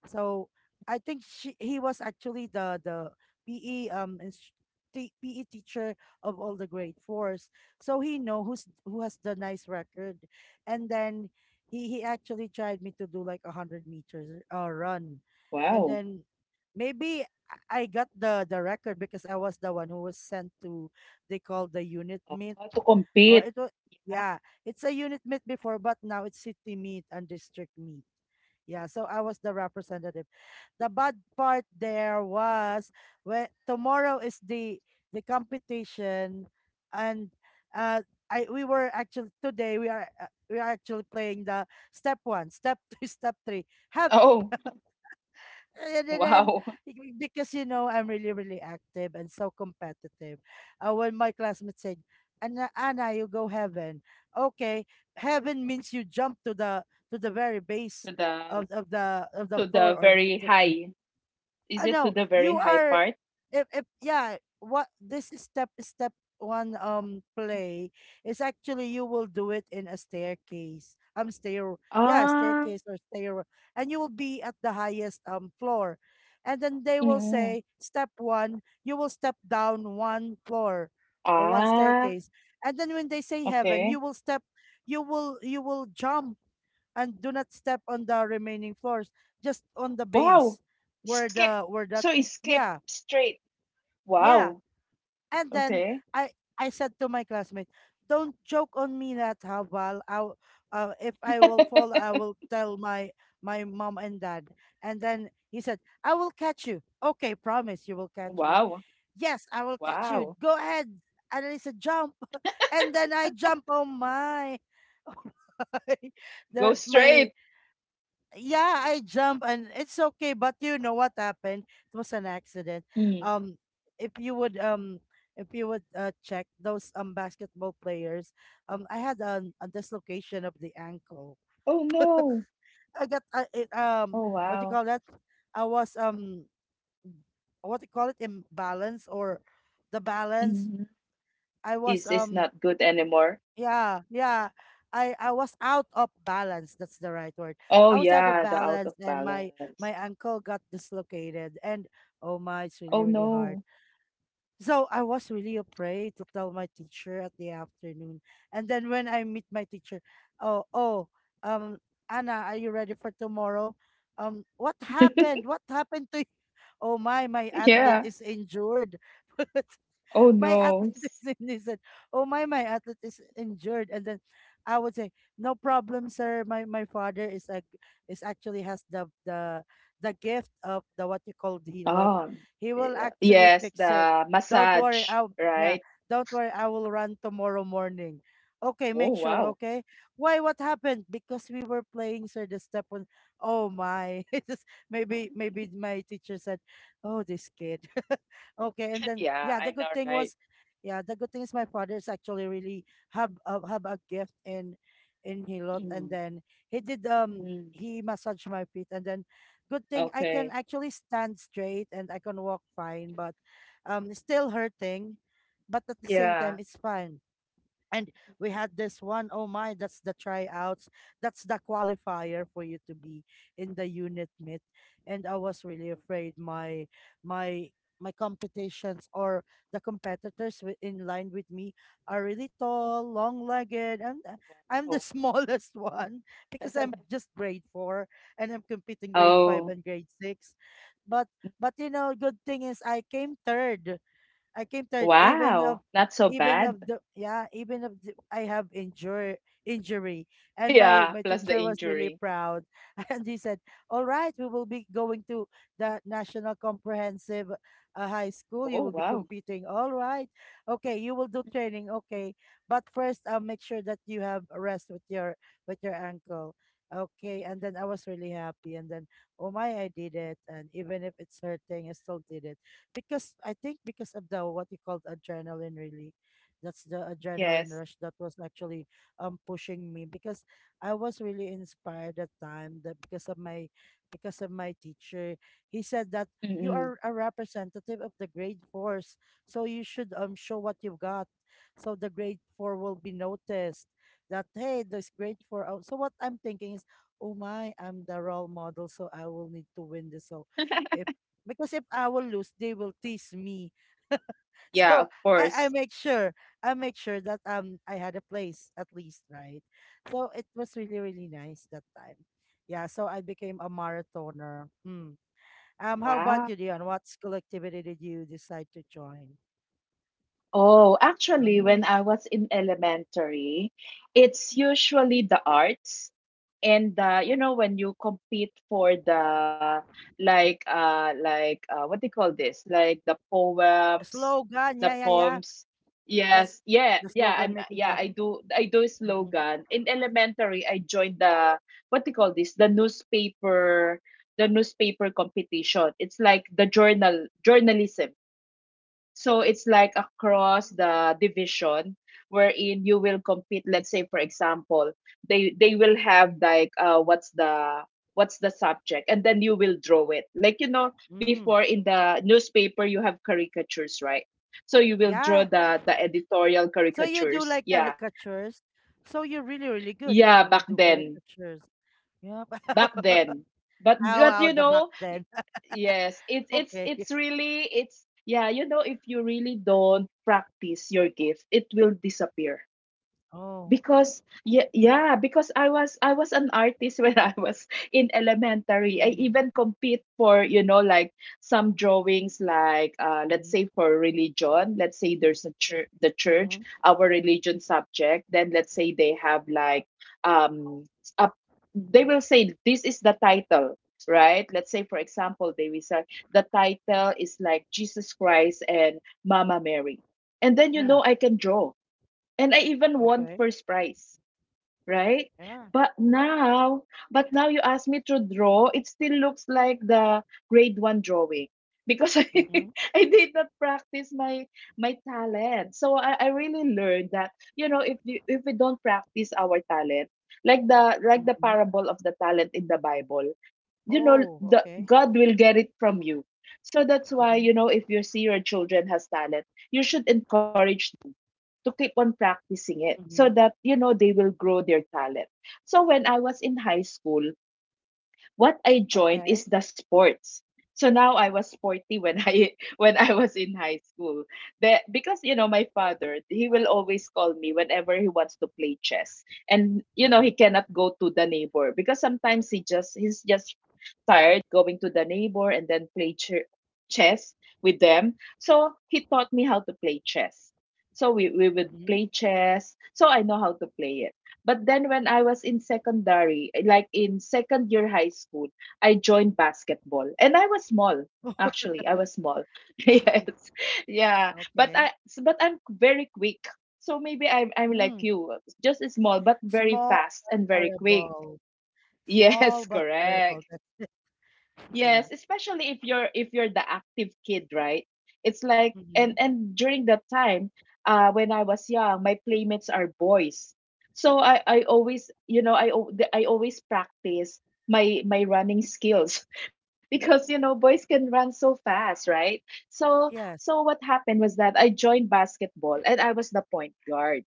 [SPEAKER 1] So I think she, he was actually the PE, PE teacher of all the grade fours. So he know who has the nice record, and then he, actually tried me to do like 100 meters, run, and
[SPEAKER 2] Wow.
[SPEAKER 1] then maybe I got the, record, because I was the one who was sent to, they call the unit meet,
[SPEAKER 2] Ah, to
[SPEAKER 1] or
[SPEAKER 2] compete.
[SPEAKER 1] it was,
[SPEAKER 2] Ah.
[SPEAKER 1] yeah, it's a unit meet before, but now it's city meet and district meet. Yeah, so I was the representative. The bad part there was when tomorrow is the, competition, and, uh I, we were actually today we are, we are actually playing the step one step two step three have,
[SPEAKER 2] Oh,
[SPEAKER 1] and
[SPEAKER 2] wow.
[SPEAKER 1] because, I'm really really active and so competitive. When my classmates said, "Anna, Anna, you go heaven." Okay, heaven means you jump to the very base
[SPEAKER 2] To the
[SPEAKER 1] of the
[SPEAKER 2] to
[SPEAKER 1] floor,
[SPEAKER 2] the
[SPEAKER 1] or
[SPEAKER 2] very high. Is
[SPEAKER 1] I
[SPEAKER 2] it to
[SPEAKER 1] know
[SPEAKER 2] the very
[SPEAKER 1] you
[SPEAKER 2] high
[SPEAKER 1] are.
[SPEAKER 2] part?
[SPEAKER 1] If yeah, what this is step one play is actually you will do it in a staircase. Stair yeah,
[SPEAKER 2] Ah.
[SPEAKER 1] staircase or stair, and you will be at the highest floor, and then they will
[SPEAKER 2] Mm.
[SPEAKER 1] say step one, you will step down one floor or one
[SPEAKER 2] Ah,
[SPEAKER 1] staircase, and then when they say heaven, you
[SPEAKER 2] okay.
[SPEAKER 1] will step, you will you will jump and do not step on the remaining floors, just on the
[SPEAKER 2] Wow.
[SPEAKER 1] base
[SPEAKER 2] Skip.
[SPEAKER 1] where
[SPEAKER 2] So
[SPEAKER 1] that,
[SPEAKER 2] it's skip
[SPEAKER 1] yeah,
[SPEAKER 2] straight.
[SPEAKER 1] yeah.
[SPEAKER 2] Wow.
[SPEAKER 1] And then
[SPEAKER 2] Okay.
[SPEAKER 1] I I said to my classmate, "Don't joke on me that how Val. If I will fall, I will tell my mom and dad." And then he said, "I will catch you." Okay, promise you will catch me.
[SPEAKER 2] Wow.
[SPEAKER 1] Yes, I will catch you.
[SPEAKER 2] Wow.
[SPEAKER 1] Go ahead. And then he said, "Jump." And then I jump. Oh my.
[SPEAKER 2] Go
[SPEAKER 1] the my
[SPEAKER 2] straight.
[SPEAKER 1] yeah, I jump and it's okay. But you know what happened? It was an accident.
[SPEAKER 2] Mm.
[SPEAKER 1] Um, if you would um, if you would check those basketball players, I had a dislocation of the ankle.
[SPEAKER 2] Oh no.
[SPEAKER 1] I got, it,
[SPEAKER 2] Oh
[SPEAKER 1] what you
[SPEAKER 2] wow.
[SPEAKER 1] call that? I was what you call it? Imbalance or the balance.
[SPEAKER 2] Hmm.
[SPEAKER 1] I was
[SPEAKER 2] Is not good anymore.
[SPEAKER 1] Yeah, yeah. I was out of balance. That's the right word.
[SPEAKER 2] Oh
[SPEAKER 1] I was out of
[SPEAKER 2] yeah, the out of
[SPEAKER 1] balance, and my
[SPEAKER 2] balance.
[SPEAKER 1] ankle got dislocated, and oh my, it's
[SPEAKER 2] Oh
[SPEAKER 1] really really
[SPEAKER 2] no.
[SPEAKER 1] hard. So I was really afraid to tell my teacher at the afternoon, and then when I meet my teacher, oh oh, um, Anna, are you ready for tomorrow? What happened? What happened to you? Oh my, my athlete
[SPEAKER 2] Yeah.
[SPEAKER 1] is injured.
[SPEAKER 2] Oh
[SPEAKER 1] My
[SPEAKER 2] no. S-.
[SPEAKER 1] athleticism is said, oh my, my athlete is injured. And then I would say, no problem, sir. My father is actually has the gift of the what you call the lot.
[SPEAKER 2] Um.
[SPEAKER 1] He will
[SPEAKER 2] Yeah.
[SPEAKER 1] actually
[SPEAKER 2] Yes,
[SPEAKER 1] fix it.
[SPEAKER 2] the
[SPEAKER 1] Don't worry.
[SPEAKER 2] massage,
[SPEAKER 1] I'll yeah.
[SPEAKER 2] right?
[SPEAKER 1] Don't worry. I will run tomorrow morning. Okay, make
[SPEAKER 2] Oh
[SPEAKER 1] sure.
[SPEAKER 2] wow.
[SPEAKER 1] Okay. Why? What happened? Because we were playing, sir. The step one. Oh my! Maybe my teacher said, "Oh, this kid." Okay, and then
[SPEAKER 2] Yeah,
[SPEAKER 1] yeah, the
[SPEAKER 2] I
[SPEAKER 1] good
[SPEAKER 2] know,
[SPEAKER 1] thing was,
[SPEAKER 2] right?
[SPEAKER 1] yeah, the good thing is my father's actually really have a gift in Hilot, and
[SPEAKER 2] Mm.
[SPEAKER 1] then
[SPEAKER 2] Mm.
[SPEAKER 1] he massaged my feet, and then good thing I
[SPEAKER 2] Okay.
[SPEAKER 1] can actually stand straight and I can walk fine, but it's still hurting, but at the same time
[SPEAKER 2] Yeah.
[SPEAKER 1] it's fine. And we had this one, oh my, that's the tryouts. That's the qualifier for you to be in the unit meet. And I was really afraid my my competitions or the competitors in line with me are really tall, long-legged, and I'm the
[SPEAKER 2] Wow.
[SPEAKER 1] smallest one because I'm just grade 4, and I'm competing grade 5
[SPEAKER 2] Oh,
[SPEAKER 1] and grade 6. But but good thing is I came third. I came third,
[SPEAKER 2] wow. Not so
[SPEAKER 1] even
[SPEAKER 2] bad.
[SPEAKER 1] of the yeah, I have injury injury, and my
[SPEAKER 2] Yeah, plus the
[SPEAKER 1] teacher was really
[SPEAKER 2] injury.
[SPEAKER 1] proud. And he said, "All right, we will be going to the National Comprehensive High School.
[SPEAKER 2] Oh,
[SPEAKER 1] You will be
[SPEAKER 2] wow.
[SPEAKER 1] competing. All right, okay, you will do training. Okay, but first, I'll make sure that you have a rest with your ankle." Okay, and then I was really happy, and then oh my, I did it, and even if it's hurting, I still did it because I think because of the what you called adrenaline really, that's the adrenaline
[SPEAKER 2] Yes.
[SPEAKER 1] rush that was actually pushing me because I was really inspired at time that because of my teacher. He said that you
[SPEAKER 2] Mm-mm.
[SPEAKER 1] are a representative of the grade fours, so you should show what you've got, so the grade 4 will be noticed, that hey, this grade 4 out. So what I'm thinking is, oh my, I'm the role model, so I will need to win this. So if because if I will lose, they will tease me.
[SPEAKER 2] Yeah,
[SPEAKER 1] So
[SPEAKER 2] of
[SPEAKER 1] I
[SPEAKER 2] course.
[SPEAKER 1] make sure that I had a place at least, right? So it was really really nice that time. Yeah, so I became a marathoner. Mm. How about
[SPEAKER 2] Wow.
[SPEAKER 1] you, Dion? What school activity did you decide to join?
[SPEAKER 2] Oh, actually,
[SPEAKER 1] Um,
[SPEAKER 2] when I was in elementary, it's usually the arts and you know, when you compete for the like what do you call this? Like the poems,
[SPEAKER 1] slogan,
[SPEAKER 2] the
[SPEAKER 1] yeah, yeah, yeah.
[SPEAKER 2] poems.
[SPEAKER 1] That's
[SPEAKER 2] Yes, yeah,
[SPEAKER 1] the
[SPEAKER 2] yeah.
[SPEAKER 1] slogan
[SPEAKER 2] I'm
[SPEAKER 1] making
[SPEAKER 2] yeah. I
[SPEAKER 1] contest.
[SPEAKER 2] do I do
[SPEAKER 1] Hmm.
[SPEAKER 2] slogan in elementary. I joined the what do you call this? The newspaper competition. It's like the journalism, so it's like across the division wherein you will compete. Let's say, for example, they will have like what's the subject, and then you will draw it. Like, you know,
[SPEAKER 1] Mm.
[SPEAKER 2] before in the newspaper you have caricatures, right? So you will draw
[SPEAKER 1] Yeah.
[SPEAKER 2] the editorial
[SPEAKER 1] So you do
[SPEAKER 2] caricatures.
[SPEAKER 1] like
[SPEAKER 2] Yeah,
[SPEAKER 1] caricatures. So you're really really good if
[SPEAKER 2] yeah,
[SPEAKER 1] you
[SPEAKER 2] back
[SPEAKER 1] would do
[SPEAKER 2] then.
[SPEAKER 1] caricatures. Yeah.
[SPEAKER 2] Back then.
[SPEAKER 1] How
[SPEAKER 2] But you
[SPEAKER 1] out the back
[SPEAKER 2] know, y-
[SPEAKER 1] then.
[SPEAKER 2] yes,
[SPEAKER 1] Okay.
[SPEAKER 2] it's really it's yeah, you know, if you really don't practice your gift, it will disappear
[SPEAKER 1] Oh.
[SPEAKER 2] because yeah, yeah, because I was an artist when I was in elementary. I
[SPEAKER 1] Mm.
[SPEAKER 2] even compete for, you know, like some drawings like let's
[SPEAKER 1] Mhm.
[SPEAKER 2] say for religion, let's say there's a church, the church,
[SPEAKER 1] Mhm.
[SPEAKER 2] our religion subject, then let's say they have like um a,
[SPEAKER 1] Mhm.
[SPEAKER 2] they will say this is the title, right, let's say for example they will say the title is like Jesus Christ and Mama Mary, and then, you
[SPEAKER 1] Mm.
[SPEAKER 2] know, I can draw, and I even won
[SPEAKER 1] Okay.
[SPEAKER 2] first prize, right?
[SPEAKER 1] Yeah.
[SPEAKER 2] But now, but now you ask me to draw, it still looks like the grade one drawing because
[SPEAKER 1] Mhm.
[SPEAKER 2] I did not practice my my talent. So I really learned that you know if you, if we don't practice our talent, like the
[SPEAKER 1] Mhm.
[SPEAKER 2] parable of the talent in the Bible, you know,
[SPEAKER 1] Oh,
[SPEAKER 2] the
[SPEAKER 1] okay.
[SPEAKER 2] God will get it from you. So that's why,
[SPEAKER 1] Mhm.
[SPEAKER 2] you know, if you see your children has talent, you should encourage them to keep on practicing it, so
[SPEAKER 1] Mhm.
[SPEAKER 2] that you know they will grow their talent. So when I was in high school, what I joined
[SPEAKER 1] Okay.
[SPEAKER 2] is the sports. So now I was sporty when I when I was in high school. The, because you know my father, he will always call me whenever he wants to play chess. And you know he
[SPEAKER 1] Mhm.
[SPEAKER 2] cannot go to the neighbor because sometimes he's just tired going to the neighbor and then play chess with them. So he taught me how to play chess. So we would
[SPEAKER 1] Mhm.
[SPEAKER 2] play chess. So I know how to play it. But then when I was in secondary, like in second year high school, I joined basketball. And I was small, actually. I was small. Yes. Yeah. But
[SPEAKER 1] Okay.
[SPEAKER 2] I'm very quick. So maybe I'm like
[SPEAKER 1] Mm.
[SPEAKER 2] you, just small but very
[SPEAKER 1] Small,
[SPEAKER 2] fast and very quick.
[SPEAKER 1] terrible. Small
[SPEAKER 2] Yes,
[SPEAKER 1] but terrible.
[SPEAKER 2] correct.
[SPEAKER 1] That's it. Yeah.
[SPEAKER 2] Yes, especially if you're the active kid, right? It's like,
[SPEAKER 1] Mm-hmm.
[SPEAKER 2] and during that time, when I was young, my playmates are boys, so I always, you know, I always practice my my running skills because you know boys can run so fast, right? So so
[SPEAKER 1] Yes.
[SPEAKER 2] what happened was that I joined basketball and I was the point guard.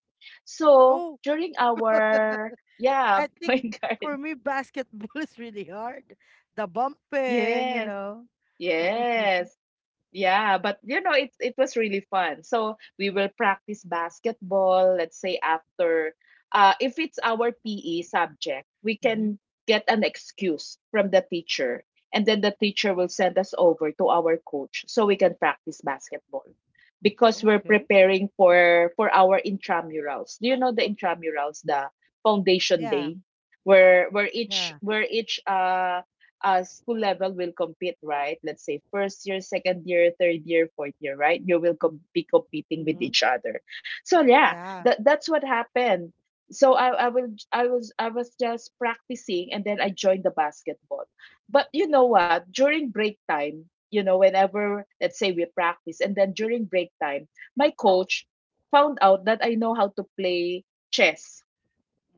[SPEAKER 2] So
[SPEAKER 1] Oh,
[SPEAKER 2] during our
[SPEAKER 1] I
[SPEAKER 2] yeah
[SPEAKER 1] think
[SPEAKER 2] point guard,
[SPEAKER 1] for me, basketball is really hard. The bumping, you
[SPEAKER 2] yes.
[SPEAKER 1] know.
[SPEAKER 2] Yes. Yeah, but you know, it was really fun. So we will practice basketball, let's say after if it's our PE subject, we
[SPEAKER 1] Mm-hmm.
[SPEAKER 2] can get an excuse from the teacher, and then the teacher will send us over to our coach so we can practice basketball because we're
[SPEAKER 1] Okay.
[SPEAKER 2] preparing for our intramurals. Do you know the intramurals, the foundation
[SPEAKER 1] Yeah.
[SPEAKER 2] day, where where each
[SPEAKER 1] Yeah.
[SPEAKER 2] where each uh uh, school level will compete, right? Let's say first year, second year, third year, fourth year, right? You will be competing with
[SPEAKER 1] Mhm.
[SPEAKER 2] each other. So yeah,
[SPEAKER 1] Yeah.
[SPEAKER 2] that that's what happened. So I will I was just practicing and then I joined the basketball. But you know what? During break time, you know, whenever let's say we practice and then during break time, my coach found out that I know how to play chess.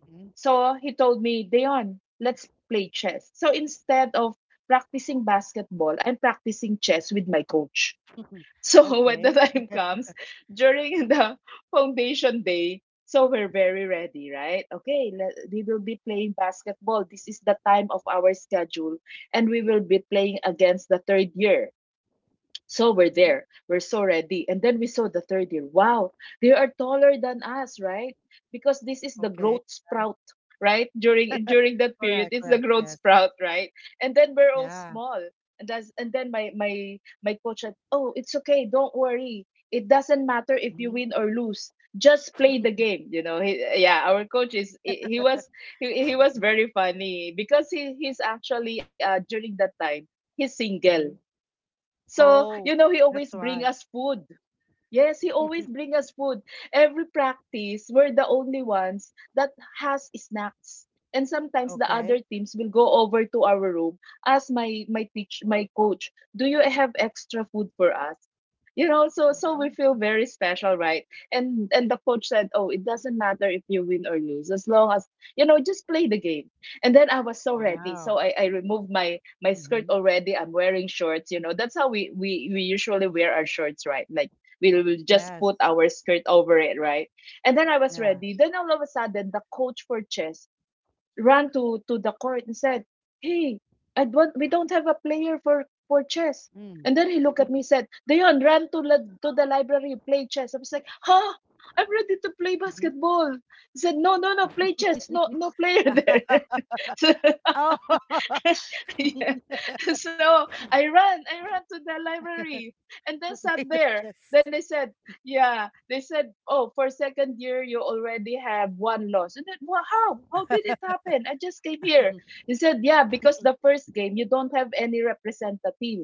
[SPEAKER 1] Mhm.
[SPEAKER 2] So he told me, "Dayon, let's play chess." So instead of practicing basketball, I'm practicing chess with my coach. So when the
[SPEAKER 1] Okay.
[SPEAKER 2] time comes, during the foundation day, so we're very ready, right? Okay, let, we will be playing basketball. This is the time of our schedule, and we will be playing against the third year. So we're
[SPEAKER 1] Mhm.
[SPEAKER 2] there. We're so ready. And then we saw the third year. Wow, they are taller than us, right? Because this is the
[SPEAKER 1] Okay.
[SPEAKER 2] growth
[SPEAKER 1] Yeah.
[SPEAKER 2] sprout, right? During during that period,
[SPEAKER 1] Correct,
[SPEAKER 2] it's the
[SPEAKER 1] correct.
[SPEAKER 2] growth
[SPEAKER 1] Yes.
[SPEAKER 2] sprout, right? And then we're all
[SPEAKER 1] Yeah.
[SPEAKER 2] small. And that's and then my coach said, "Oh, it's okay, don't worry. It doesn't matter if you
[SPEAKER 1] Mhm.
[SPEAKER 2] win or lose. Just play the game, you know." Yeah, our coach is he was he was very funny because he's actually during that time he's single.
[SPEAKER 1] Mhm.
[SPEAKER 2] So, you
[SPEAKER 1] Oh,
[SPEAKER 2] know, he always
[SPEAKER 1] that's
[SPEAKER 2] bring
[SPEAKER 1] why.
[SPEAKER 2] us food. Yes, he always bring us food. Every practice, we're the only ones that has snacks. And sometimes the other
[SPEAKER 1] Okay.
[SPEAKER 2] teams will go over to our room, ask my coach, "Do you have extra food for us?" You know, so so we
[SPEAKER 1] Mhm.
[SPEAKER 2] feel very special, right? And the coach said, "Oh, it doesn't matter if you win or lose, as long as you know, just play the game." And then I was so ready,
[SPEAKER 1] Wow.
[SPEAKER 2] so I removed my my skirt
[SPEAKER 1] Mhm.
[SPEAKER 2] already. I'm wearing shorts, you know, that's how we usually wear our shorts, right? Like, we will just
[SPEAKER 1] Yes.
[SPEAKER 2] put our skirt over it, right? And then I was
[SPEAKER 1] Yeah.
[SPEAKER 2] ready. Then all of a sudden the coach for chess ran to the court and said, "Hey, I don't, we don't have a player for chess."
[SPEAKER 1] Mm.
[SPEAKER 2] And then he looked at me and said, "Dayon, run to to the library, play chess." I was like, "Huh? I'm ready to play
[SPEAKER 1] Mhm.
[SPEAKER 2] basketball." He said, "No, no, no, play chess. No, no player there." So
[SPEAKER 1] Oh,
[SPEAKER 2] yeah. So I ran to the library and then sat
[SPEAKER 1] play the
[SPEAKER 2] there.
[SPEAKER 1] chess.
[SPEAKER 2] Then they said, yeah, they said, "Oh, for second year, you already have one loss." And then, "Well, how? How did it happen? I just came here." He said, "Yeah, because the first game, you don't have any representative.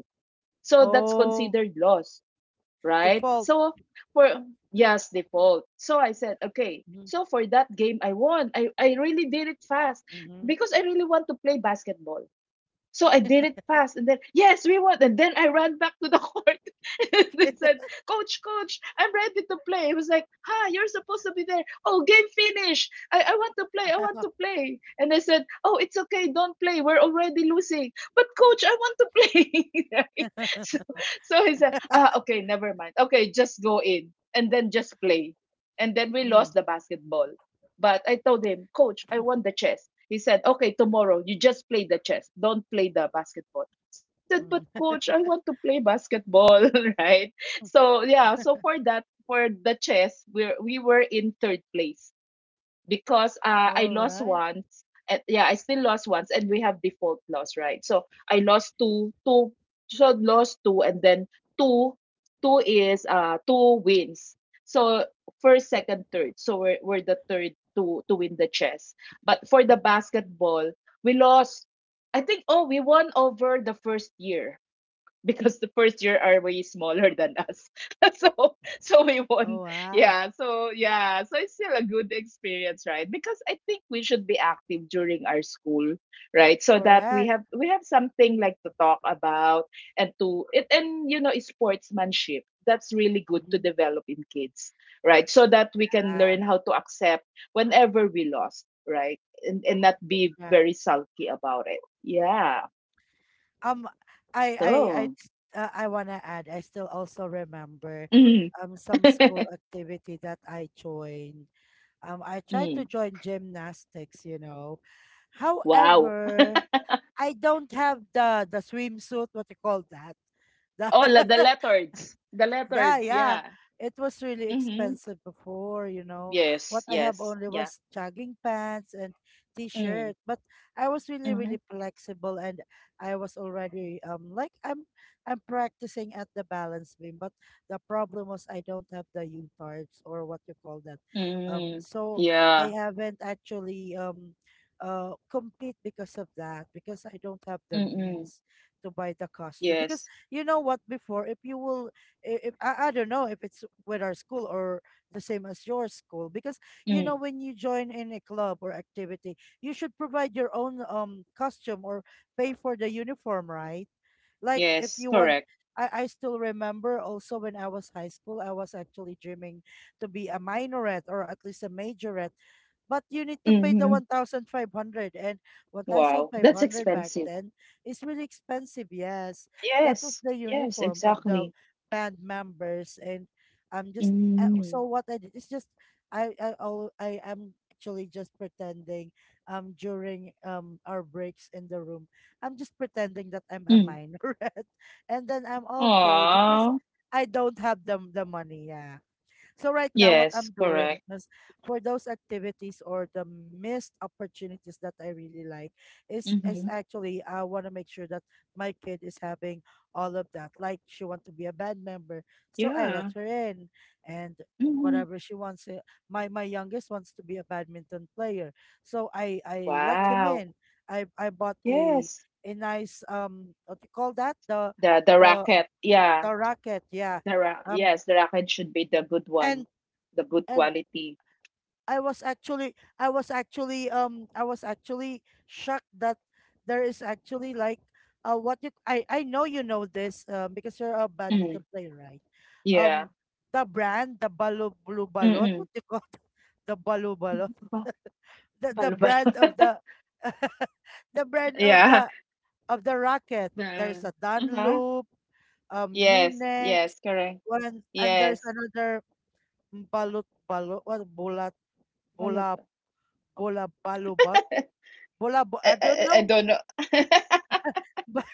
[SPEAKER 2] So that's
[SPEAKER 1] Oh,
[SPEAKER 2] considered loss, right?"
[SPEAKER 1] default.
[SPEAKER 2] So for, yes, default. So I said, okay.
[SPEAKER 1] Mm-hmm.
[SPEAKER 2] So for that game, I won. I really did it fast
[SPEAKER 1] Mm-hmm.
[SPEAKER 2] because I really want to play basketball. So I did it fast, and then yes, we won. And then I ran back to the court, and they said, "Coach, coach, I'm ready to play." It was like, "Ha, you're supposed to be there. Oh, game finished." I want to play. I want to play." And I said, "Oh, it's okay. Don't play. We're already losing." "But coach, I want to play." Right? So, so he said, "Ah, okay, never mind. Okay, just go in and then just play." And then we lost
[SPEAKER 1] Mm,
[SPEAKER 2] the basketball. But I told him, "Coach, I won the chess." He said, "Okay, tomorrow you just play the chess. Don't play the basketball." I said, "But coach,
[SPEAKER 1] mm.
[SPEAKER 2] I want to play basketball," right? So yeah, so for that, for the chess, we were in third place, because I
[SPEAKER 1] All
[SPEAKER 2] lost
[SPEAKER 1] right.
[SPEAKER 2] once. And yeah, I still lost once, and we have default loss, right? So I lost two, so lost two, and then two, two is two wins. So first, second, third. So we're the third to win the chess. But for the basketball, we lost. I think oh we won over the first year because the first year are way smaller than us. So so we won.
[SPEAKER 1] Oh, wow.
[SPEAKER 2] Yeah. So yeah. So it's still a good experience, right? Because I think we should be active during our school, right? So that we
[SPEAKER 1] Correct.
[SPEAKER 2] have we have something like to talk about and to it and you know sportsmanship. That's really good to
[SPEAKER 1] Mhm.
[SPEAKER 2] develop in kids, right? So that we can
[SPEAKER 1] Yeah,
[SPEAKER 2] learn how to accept whenever we lost, right? And not be
[SPEAKER 1] yeah.
[SPEAKER 2] very sulky about it. Yeah.
[SPEAKER 1] Um, I, I, I,
[SPEAKER 2] So.
[SPEAKER 1] s- I wanna add. I still also remember,
[SPEAKER 2] Mhm.
[SPEAKER 1] some school activity that I joined. I tried to
[SPEAKER 2] Mm.
[SPEAKER 1] join gymnastics.
[SPEAKER 2] Wow.
[SPEAKER 1] However, I don't have the swimsuit. What you call that? The
[SPEAKER 2] Oh, la- the letters. The
[SPEAKER 1] Yeah,
[SPEAKER 2] letters,
[SPEAKER 1] yeah.
[SPEAKER 2] yeah.
[SPEAKER 1] It was really
[SPEAKER 2] Mm-hmm.
[SPEAKER 1] expensive before.
[SPEAKER 2] Yes,
[SPEAKER 1] What I have
[SPEAKER 2] yes,
[SPEAKER 1] only
[SPEAKER 2] yeah.
[SPEAKER 1] was jogging pants and
[SPEAKER 2] Mm.
[SPEAKER 1] t-shirt, but I was really,
[SPEAKER 2] Mm-hmm.
[SPEAKER 1] really flexible, and I was already like I'm practicing at the balance beam, but the problem was I don't have the U-tarps or what you call that.
[SPEAKER 2] Mm.
[SPEAKER 1] So I
[SPEAKER 2] Yeah.
[SPEAKER 1] haven't actually compete because of that because I don't have the
[SPEAKER 2] Mm-mm.
[SPEAKER 1] means to buy the costume. Because
[SPEAKER 2] Yes.
[SPEAKER 1] you know what, before, if you will, I- if, I don't know if it's with our school or the same as your school, because you know
[SPEAKER 2] Mm.
[SPEAKER 1] when you join in a club or activity you should provide your own costume or pay for the uniform, right, like if
[SPEAKER 2] Yes,
[SPEAKER 1] you want,
[SPEAKER 2] correct.
[SPEAKER 1] I still remember also when I was high school, I was actually dreaming to be a minorette or at least a majorette. But you need to pay the
[SPEAKER 2] Mm-hmm.
[SPEAKER 1] 1,500 and one thousand
[SPEAKER 2] Wow.
[SPEAKER 1] five
[SPEAKER 2] That's
[SPEAKER 1] hundred. Back
[SPEAKER 2] expensive.
[SPEAKER 1] then is really expensive. Yes, that was
[SPEAKER 2] Yes,
[SPEAKER 1] the
[SPEAKER 2] yes,
[SPEAKER 1] uniform of the
[SPEAKER 2] exactly.
[SPEAKER 1] band members. And I'm just, so
[SPEAKER 2] Mm.
[SPEAKER 1] what I did is just, I am actually just pretending during our breaks in the room, I'm just pretending that I'm a
[SPEAKER 2] Mm.
[SPEAKER 1] minor, and then I'm okay because
[SPEAKER 2] Aw.
[SPEAKER 1] I don't have the money. Yeah. So right now, what
[SPEAKER 2] Yes,
[SPEAKER 1] I'm doing
[SPEAKER 2] correct.
[SPEAKER 1] is for those activities or the missed opportunities that I really like is
[SPEAKER 2] Mm-hmm.
[SPEAKER 1] actually I want to make sure that my kid is having all of that. Like she want to be a band member, so I let
[SPEAKER 2] Yeah.
[SPEAKER 1] her in, and
[SPEAKER 2] Mm-hmm.
[SPEAKER 1] whatever she wants. My youngest wants to be a badminton player, so I let him
[SPEAKER 2] Wow.
[SPEAKER 1] in. I bought a
[SPEAKER 2] Yes.
[SPEAKER 1] nice what do you call that, the
[SPEAKER 2] The
[SPEAKER 1] the
[SPEAKER 2] racket. Yeah,
[SPEAKER 1] the racket, yeah,
[SPEAKER 2] the ra
[SPEAKER 1] um
[SPEAKER 2] yes, the racket should be the good
[SPEAKER 1] and
[SPEAKER 2] one, the good
[SPEAKER 1] and
[SPEAKER 2] quality.
[SPEAKER 1] I was actually shocked that there is actually like what you I know you know this because you're a
[SPEAKER 2] Mm,
[SPEAKER 1] badminton player, right,
[SPEAKER 2] yeah.
[SPEAKER 1] um the brand, the balu blue balot,
[SPEAKER 2] Mm-mm.
[SPEAKER 1] what you call it? The balu balot.
[SPEAKER 2] Ba-
[SPEAKER 1] The
[SPEAKER 2] Balbal.
[SPEAKER 1] brand of the the brand
[SPEAKER 2] Yeah.
[SPEAKER 1] of the racket. There's
[SPEAKER 2] The
[SPEAKER 1] a
[SPEAKER 2] uh-huh.
[SPEAKER 1] Dunloop,
[SPEAKER 2] Yes,
[SPEAKER 1] Munex
[SPEAKER 2] yes, correct.
[SPEAKER 1] one, and there's
[SPEAKER 2] Yes.
[SPEAKER 1] another balut balot, what bulat bola
[SPEAKER 2] Balbal.
[SPEAKER 1] Bola Balobot?
[SPEAKER 2] I,
[SPEAKER 1] Bola Bo, I don't
[SPEAKER 2] I, I
[SPEAKER 1] know.
[SPEAKER 2] don't know.
[SPEAKER 1] But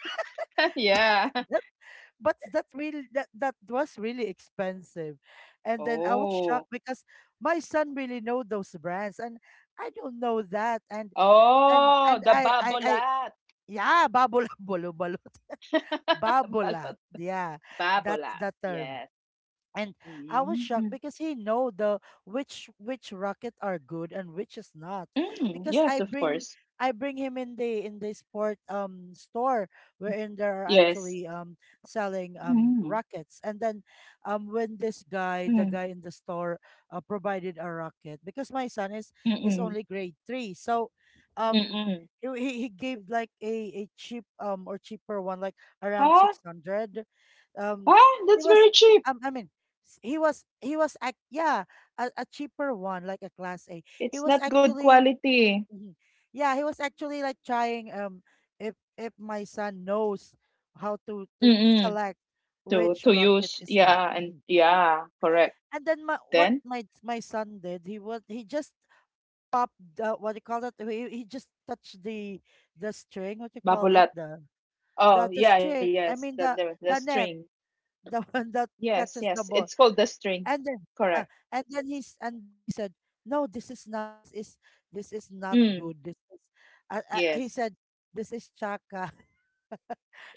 [SPEAKER 2] Yeah.
[SPEAKER 1] that that really that was really expensive. And then I was
[SPEAKER 2] Oh.
[SPEAKER 1] shocked because my son really know those brands and I don't know that. And
[SPEAKER 2] Oh,
[SPEAKER 1] and
[SPEAKER 2] the
[SPEAKER 1] I
[SPEAKER 2] babolat.
[SPEAKER 1] yeah, babola bolo balot. Babolat.
[SPEAKER 2] Balot.
[SPEAKER 1] Yeah. That's
[SPEAKER 2] Babolat.
[SPEAKER 1] the term.
[SPEAKER 2] Yes.
[SPEAKER 1] And I was shocked
[SPEAKER 2] Mm.
[SPEAKER 1] because he know the which rocket are good and which is not,
[SPEAKER 2] Mm.
[SPEAKER 1] because
[SPEAKER 2] Yes, of course.
[SPEAKER 1] I bring him in the sport store, wherein there are
[SPEAKER 2] Yes.
[SPEAKER 1] actually selling
[SPEAKER 2] Mm.
[SPEAKER 1] rockets, and then when this guy the guy
[SPEAKER 2] Hmm.
[SPEAKER 1] in the store provided a rocket because my son
[SPEAKER 2] mm
[SPEAKER 1] is
[SPEAKER 2] hmm
[SPEAKER 1] only grade 3, so um
[SPEAKER 2] Mm-mm.
[SPEAKER 1] he gave like a cheaper one, like around
[SPEAKER 2] Ah,
[SPEAKER 1] 600. um
[SPEAKER 2] ah,
[SPEAKER 1] she
[SPEAKER 2] that's
[SPEAKER 1] was
[SPEAKER 2] very cheap.
[SPEAKER 1] I mean, he was act yeah, a cheaper one, like a class A. He
[SPEAKER 2] It's
[SPEAKER 1] was
[SPEAKER 2] not good
[SPEAKER 1] actually
[SPEAKER 2] quality.
[SPEAKER 1] mhm. Yeah, he was actually like trying if my son knows how to
[SPEAKER 2] Mm-mm.
[SPEAKER 1] select
[SPEAKER 2] To
[SPEAKER 1] which
[SPEAKER 2] to
[SPEAKER 1] rocket
[SPEAKER 2] use,
[SPEAKER 1] is not.
[SPEAKER 2] yeah, and
[SPEAKER 1] Mhm.
[SPEAKER 2] yeah, correct.
[SPEAKER 1] And then my, what
[SPEAKER 2] Then
[SPEAKER 1] my son did he just popped the, what do you call that, he just touched the string, what you call it,
[SPEAKER 2] babolat.
[SPEAKER 1] the
[SPEAKER 2] Oh,
[SPEAKER 1] the
[SPEAKER 2] yeah,
[SPEAKER 1] string,
[SPEAKER 2] yes,
[SPEAKER 1] I
[SPEAKER 2] the,
[SPEAKER 1] mean
[SPEAKER 2] the
[SPEAKER 1] the
[SPEAKER 2] the
[SPEAKER 1] the
[SPEAKER 2] string.
[SPEAKER 1] net, the one that
[SPEAKER 2] Yes,
[SPEAKER 1] catches
[SPEAKER 2] yes,
[SPEAKER 1] the
[SPEAKER 2] it's
[SPEAKER 1] ball.
[SPEAKER 2] called the string.
[SPEAKER 1] And then
[SPEAKER 2] Correct.
[SPEAKER 1] uh, and then he said, no this is not, this is, this is not
[SPEAKER 2] Mm,
[SPEAKER 1] good, this is he
[SPEAKER 2] yes.
[SPEAKER 1] said, this is chaka.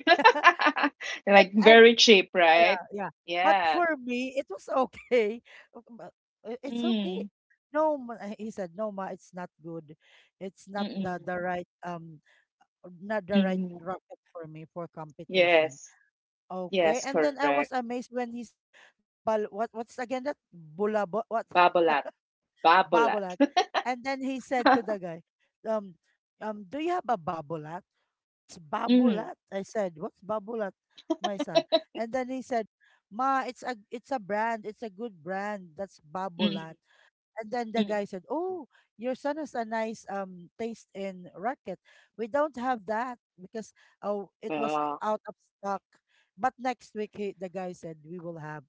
[SPEAKER 1] and
[SPEAKER 2] Like
[SPEAKER 1] and
[SPEAKER 2] very cheap, right?
[SPEAKER 1] yeah, yeah, but
[SPEAKER 2] Yeah.
[SPEAKER 1] for me it was okay. Uh, but, it's okay.
[SPEAKER 2] Mm,
[SPEAKER 1] No ma, he said, no ma, it's not good, it's not the
[SPEAKER 2] mm-mm,
[SPEAKER 1] right, not the right
[SPEAKER 2] mm.
[SPEAKER 1] rocket for me for competition.
[SPEAKER 2] Yes,
[SPEAKER 1] Okay,
[SPEAKER 2] yes,
[SPEAKER 1] and then I
[SPEAKER 2] correct.
[SPEAKER 1] was amazed when he said the bal, what, what's again that, bulabo, what,
[SPEAKER 2] Babolat, babolat.
[SPEAKER 1] babolat. And then he said to the guy, um, do you have a babolat? What's
[SPEAKER 2] Mm,
[SPEAKER 1] babolat? I said, what's babolat, my son? And then he said, Ma, it's a, it's a brand, it's a good brand. That's babolat.
[SPEAKER 2] mm,
[SPEAKER 1] And then the
[SPEAKER 2] mm.
[SPEAKER 1] guy said, "Oh, your son has a nice taste in racket. We don't have that because, oh, it was
[SPEAKER 2] Oh,
[SPEAKER 1] out of stock. But next week, he, the guy said, we will have."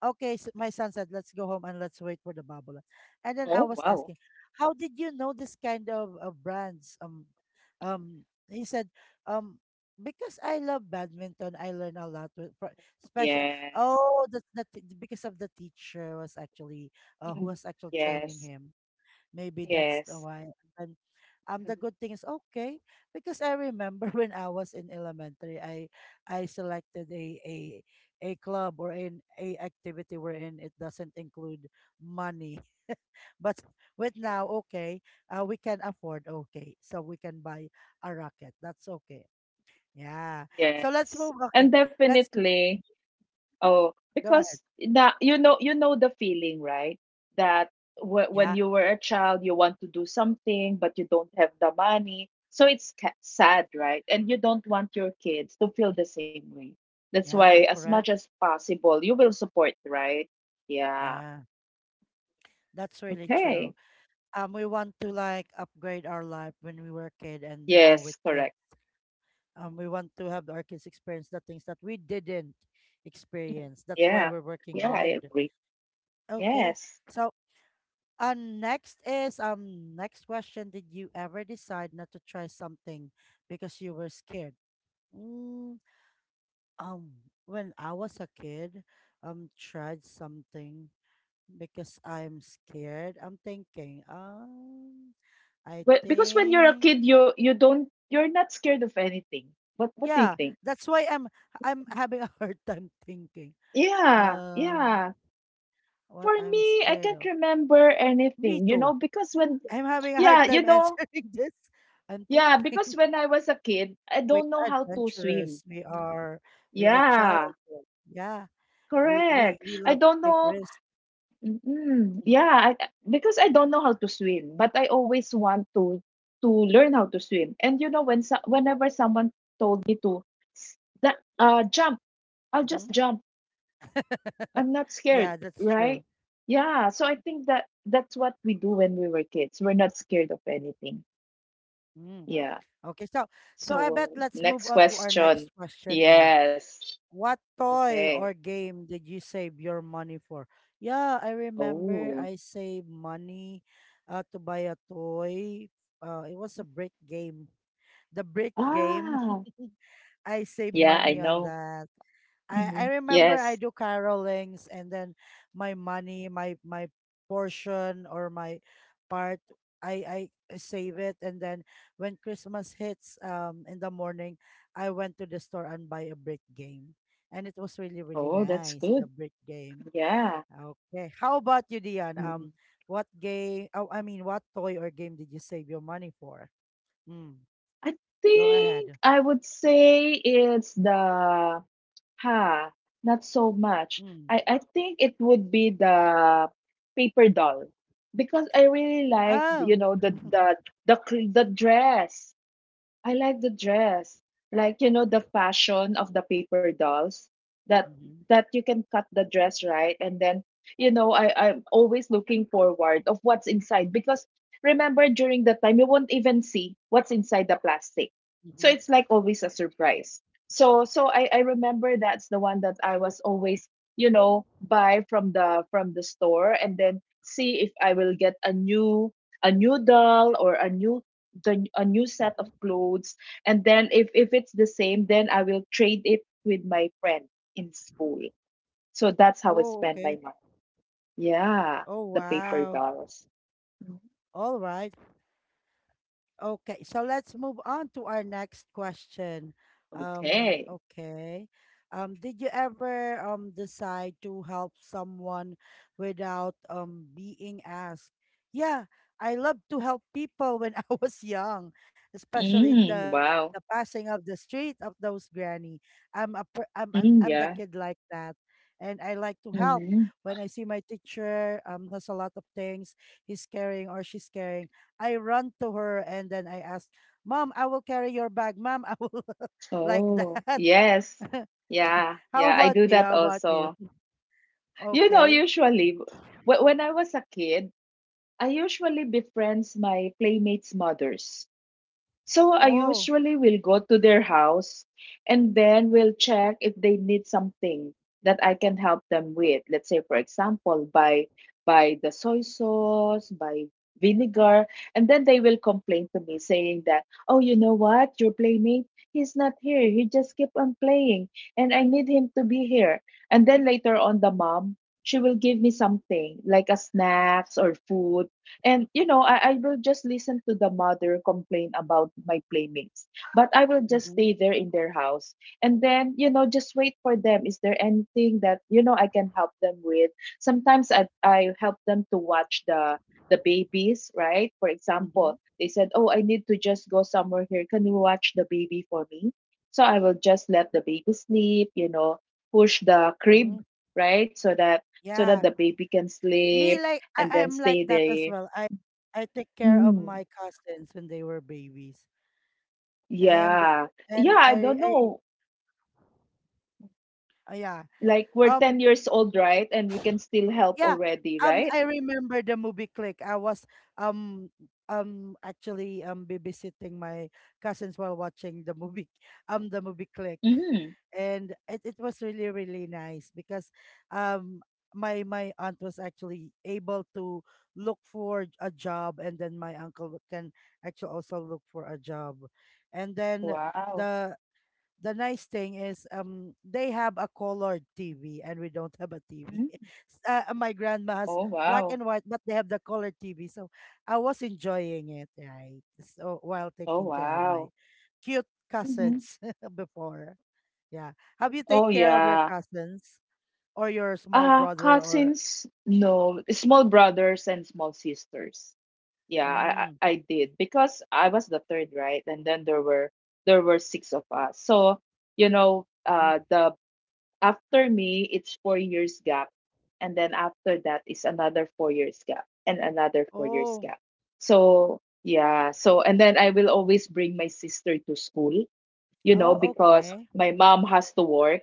[SPEAKER 1] Okay, so my son said, "Let's go home and let's wait for the babola." And then I
[SPEAKER 2] oh,
[SPEAKER 1] was
[SPEAKER 2] wow.
[SPEAKER 1] asking, "How did you know this kind of brands?" He said, "Um, because I love badminton, I learn a lot with, fro- special.
[SPEAKER 2] Yes.
[SPEAKER 1] Oh, that's the t- because of the teacher was actually." Who
[SPEAKER 2] Mhm.
[SPEAKER 1] was actually training
[SPEAKER 2] Yes.
[SPEAKER 1] him. Maybe that's the
[SPEAKER 2] Yes.
[SPEAKER 1] why. And then, the
[SPEAKER 2] Mhm.
[SPEAKER 1] good thing is, okay, because I remember when I was in elementary, I selected a a club or an a activity wherein it doesn't include money. But with
[SPEAKER 2] Yeah.
[SPEAKER 1] now, okay, we can afford, okay, so we can buy a rocket. That's okay. Yeah. So let's
[SPEAKER 2] Yes.
[SPEAKER 1] move. Okay,
[SPEAKER 2] And
[SPEAKER 1] let's.
[SPEAKER 2] definitely,
[SPEAKER 1] Mhm.
[SPEAKER 2] oh,
[SPEAKER 1] Go ahead.
[SPEAKER 2] because that you know the feeling, right? That w- when
[SPEAKER 1] Yeah.
[SPEAKER 2] you were a child, you want to do something, but you don't have the money. So it's ca- sad, right? And you don't want your kids to feel the same way. That's why,
[SPEAKER 1] Yeah.
[SPEAKER 2] as much
[SPEAKER 1] Correct.
[SPEAKER 2] as possible, you will support, right? Yeah.
[SPEAKER 1] Yeah. That's really true.
[SPEAKER 2] Okay.
[SPEAKER 1] Um, we want to like upgrade our life when we were a kid, and now with
[SPEAKER 2] Yes,
[SPEAKER 1] kids
[SPEAKER 2] correct.
[SPEAKER 1] we want to have our kids experience the things that we didn't
[SPEAKER 2] Mhm.
[SPEAKER 1] experience. That's why
[SPEAKER 2] Yeah.
[SPEAKER 1] we're working
[SPEAKER 2] Yeah, I
[SPEAKER 1] hard.
[SPEAKER 2] agree.
[SPEAKER 1] Okay,
[SPEAKER 2] Yes.
[SPEAKER 1] so next is, next question. Did you ever decide not to try something because you were scared? mm, um when I was a kid, tried something because I'm scared. I'm thinking, I
[SPEAKER 2] But because when you're a
[SPEAKER 1] think.
[SPEAKER 2] kid, you don't you're not scared of anything. What do you
[SPEAKER 1] Yeah,
[SPEAKER 2] think?
[SPEAKER 1] that's why I'm having a hard time thinking.
[SPEAKER 2] Yeah,
[SPEAKER 1] Um,
[SPEAKER 2] yeah.
[SPEAKER 1] what
[SPEAKER 2] For
[SPEAKER 1] I'm
[SPEAKER 2] me, I
[SPEAKER 1] scared
[SPEAKER 2] can't
[SPEAKER 1] of.
[SPEAKER 2] remember
[SPEAKER 1] Me
[SPEAKER 2] anything, you know,
[SPEAKER 1] too.
[SPEAKER 2] because when
[SPEAKER 1] I'm having a
[SPEAKER 2] yeah,
[SPEAKER 1] hard
[SPEAKER 2] you
[SPEAKER 1] time
[SPEAKER 2] know,
[SPEAKER 1] answering this. I'm
[SPEAKER 2] yeah, because
[SPEAKER 1] thinking.
[SPEAKER 2] when I was a kid, I
[SPEAKER 1] We
[SPEAKER 2] don't know
[SPEAKER 1] are
[SPEAKER 2] how to swim.
[SPEAKER 1] adventurous. We are, we are
[SPEAKER 2] Yeah,
[SPEAKER 1] challenging. Yeah, we we
[SPEAKER 2] correct.
[SPEAKER 1] we
[SPEAKER 2] I
[SPEAKER 1] love to
[SPEAKER 2] don't
[SPEAKER 1] take
[SPEAKER 2] know.
[SPEAKER 1] risks.
[SPEAKER 2] Mm,
[SPEAKER 1] Mhm.
[SPEAKER 2] yeah, I- because I don't know how to swim, but I always want to learn how to swim. And you know, when so, whenever someone told me to s- that jump, I'll just
[SPEAKER 1] Mhm.
[SPEAKER 2] jump. I'm not scared,
[SPEAKER 1] Yeah, that's
[SPEAKER 2] right?
[SPEAKER 1] true.
[SPEAKER 2] Yeah. So I think that that's what we do when we were kids. We're not scared of anything.
[SPEAKER 1] Mm.
[SPEAKER 2] Yeah.
[SPEAKER 1] Okay, so so I bet
[SPEAKER 2] So
[SPEAKER 1] let's move
[SPEAKER 2] next
[SPEAKER 1] on to our
[SPEAKER 2] question.
[SPEAKER 1] next question. Yeah.
[SPEAKER 2] Yes.
[SPEAKER 1] What toy
[SPEAKER 2] Okay.
[SPEAKER 1] or game did you save your money for? Yeah, I remember
[SPEAKER 2] Oh.
[SPEAKER 1] I saved money to buy a toy. It was a brick game. The brick game.
[SPEAKER 2] Ah.
[SPEAKER 1] I saved
[SPEAKER 2] Yeah, I
[SPEAKER 1] money on
[SPEAKER 2] know.
[SPEAKER 1] that. I
[SPEAKER 2] Mhm.
[SPEAKER 1] remember I
[SPEAKER 2] Yes.
[SPEAKER 1] do carolings, and then my money, my portion or my part, I save it, and then when Christmas hits, in the morning, I went to the store and buy a brick game. And it was really, really
[SPEAKER 2] Oh, that's
[SPEAKER 1] nice,
[SPEAKER 2] good.
[SPEAKER 1] the brick game.
[SPEAKER 2] Yeah.
[SPEAKER 1] Okay. How about you, Dion?
[SPEAKER 2] Mm.
[SPEAKER 1] What game, oh, I mean, what toy or game did you save your money for? Mm,
[SPEAKER 2] I
[SPEAKER 1] go
[SPEAKER 2] think
[SPEAKER 1] ahead.
[SPEAKER 2] I would say it's the ha, not so much.
[SPEAKER 1] Mm.
[SPEAKER 2] I think it would be the paper doll because I really like,
[SPEAKER 1] Oh.
[SPEAKER 2] you know, the the cl- the dress. I like the dress. Like, you know, the fashion of the paper dolls that
[SPEAKER 1] Mm-hmm.
[SPEAKER 2] that you can cut the dress, right? And then I'm always looking forward of what's inside because remember during the time you won't even see what's inside the plastic. So
[SPEAKER 1] Mm-hmm.
[SPEAKER 2] it's like always a surprise. So I remember that's the one that I was always, you know, buy from the store and then see if I will get a new doll or a new the a new set of
[SPEAKER 1] Mm-hmm.
[SPEAKER 2] clothes, and then if it's the same, then I will trade it with my friend in school. So that's how I
[SPEAKER 1] Oh,
[SPEAKER 2] spend my
[SPEAKER 1] okay.
[SPEAKER 2] money, yeah,
[SPEAKER 1] Oh,
[SPEAKER 2] the paper
[SPEAKER 1] wow.
[SPEAKER 2] dollars. Mm,
[SPEAKER 1] All right. Okay, so let's move on to our next question.
[SPEAKER 2] okay.
[SPEAKER 1] Okay. Did you ever decide to help someone without being asked? Yeah, I love to help people when I was young, especially
[SPEAKER 2] Mm,
[SPEAKER 1] the
[SPEAKER 2] wow.
[SPEAKER 1] passing of the street of those granny. I'm a per-
[SPEAKER 2] Mm,
[SPEAKER 1] I'm the
[SPEAKER 2] yeah.
[SPEAKER 1] kid like that. And I like to help
[SPEAKER 2] Mm.
[SPEAKER 1] when I see my teacher has a lot of things he's carrying or she's carrying. I run to her and then I asked, Mom, I will carry your bag. Mom, I will, like
[SPEAKER 2] Oh
[SPEAKER 1] that.
[SPEAKER 2] yes. Yeah,
[SPEAKER 1] How
[SPEAKER 2] yeah, I
[SPEAKER 1] about
[SPEAKER 2] do
[SPEAKER 1] you?
[SPEAKER 2] that
[SPEAKER 1] How about you?
[SPEAKER 2] also. You know,
[SPEAKER 1] Okay.
[SPEAKER 2] usually wh- when I was a kid, I usually befriends my playmates mothers. So I
[SPEAKER 1] Oh.
[SPEAKER 2] usually will go to their house and then we'll check if they need something that I can help them with. Let's say, for example, by the soy sauce, by vinegar, and then they will complain to me saying that, oh, you know what, your playmate, he's not here. He just keep on playing, and I need him to be here. And then later on, the mom, she will give me something like a snacks or food. And I will just listen to the mother complain about my playmates. But I will just
[SPEAKER 1] Mm-hmm.
[SPEAKER 2] stay there in their house. And then, you know, just wait for them. Is there anything that, you know, I can help them with? Sometimes I help them to watch the babies, right? For
[SPEAKER 1] Mm-hmm.
[SPEAKER 2] example, they said, oh, I need to just go somewhere here. Can you watch the baby for me? So I will just let the baby sleep, you know, push the
[SPEAKER 1] Mm-hmm.
[SPEAKER 2] crib, right? So that so that
[SPEAKER 1] Yeah.
[SPEAKER 2] the baby can
[SPEAKER 1] Me
[SPEAKER 2] sleep
[SPEAKER 1] like,
[SPEAKER 2] and
[SPEAKER 1] I,
[SPEAKER 2] then
[SPEAKER 1] I'm like
[SPEAKER 2] stay
[SPEAKER 1] that as
[SPEAKER 2] there.
[SPEAKER 1] well. I take care of
[SPEAKER 2] Mm,
[SPEAKER 1] my cousins when they were babies. And
[SPEAKER 2] yeah.
[SPEAKER 1] and
[SPEAKER 2] Yeah, I don't
[SPEAKER 1] I
[SPEAKER 2] know.
[SPEAKER 1] yeah.
[SPEAKER 2] Like we're 10
[SPEAKER 1] Um.
[SPEAKER 2] years old, right? And we can still help
[SPEAKER 1] Yeah.
[SPEAKER 2] already, right?
[SPEAKER 1] I remember the movie Click. I was um actually babysitting my cousins while watching the movie, the movie Click.
[SPEAKER 2] Mm.
[SPEAKER 1] And it was really, really nice because um my aunt was actually able to look for a job, and then my uncle can actually also look for a job. And then
[SPEAKER 2] Wow.
[SPEAKER 1] the nice thing is they have a colored TV and we don't have a TV.
[SPEAKER 2] Mm.
[SPEAKER 1] My grandma has
[SPEAKER 2] Oh,
[SPEAKER 1] black
[SPEAKER 2] wow.
[SPEAKER 1] and white, but they have the colored TV. So I was enjoying it, right? So while
[SPEAKER 2] Oh,
[SPEAKER 1] taking care of my
[SPEAKER 2] wow.
[SPEAKER 1] cute
[SPEAKER 2] Hmm.
[SPEAKER 1] cousins. Before. Yeah. Have you
[SPEAKER 2] Oh,
[SPEAKER 1] take care of your
[SPEAKER 2] yeah.
[SPEAKER 1] cousins or your small brother or,
[SPEAKER 2] Cousins, no, small brothers and small sisters. Yeah, I,
[SPEAKER 1] mm,
[SPEAKER 2] I did because I was the third, right? And then there were six of us. So, you know,
[SPEAKER 1] mhm.
[SPEAKER 2] the after me, it's 4 years gap. And then after that is another 4 years gap and another 4 years
[SPEAKER 1] Oh,
[SPEAKER 2] gap. So, yeah. So, and then I will always bring my sister to school, you know,
[SPEAKER 1] oh,
[SPEAKER 2] because
[SPEAKER 1] okay.
[SPEAKER 2] my mom has to work.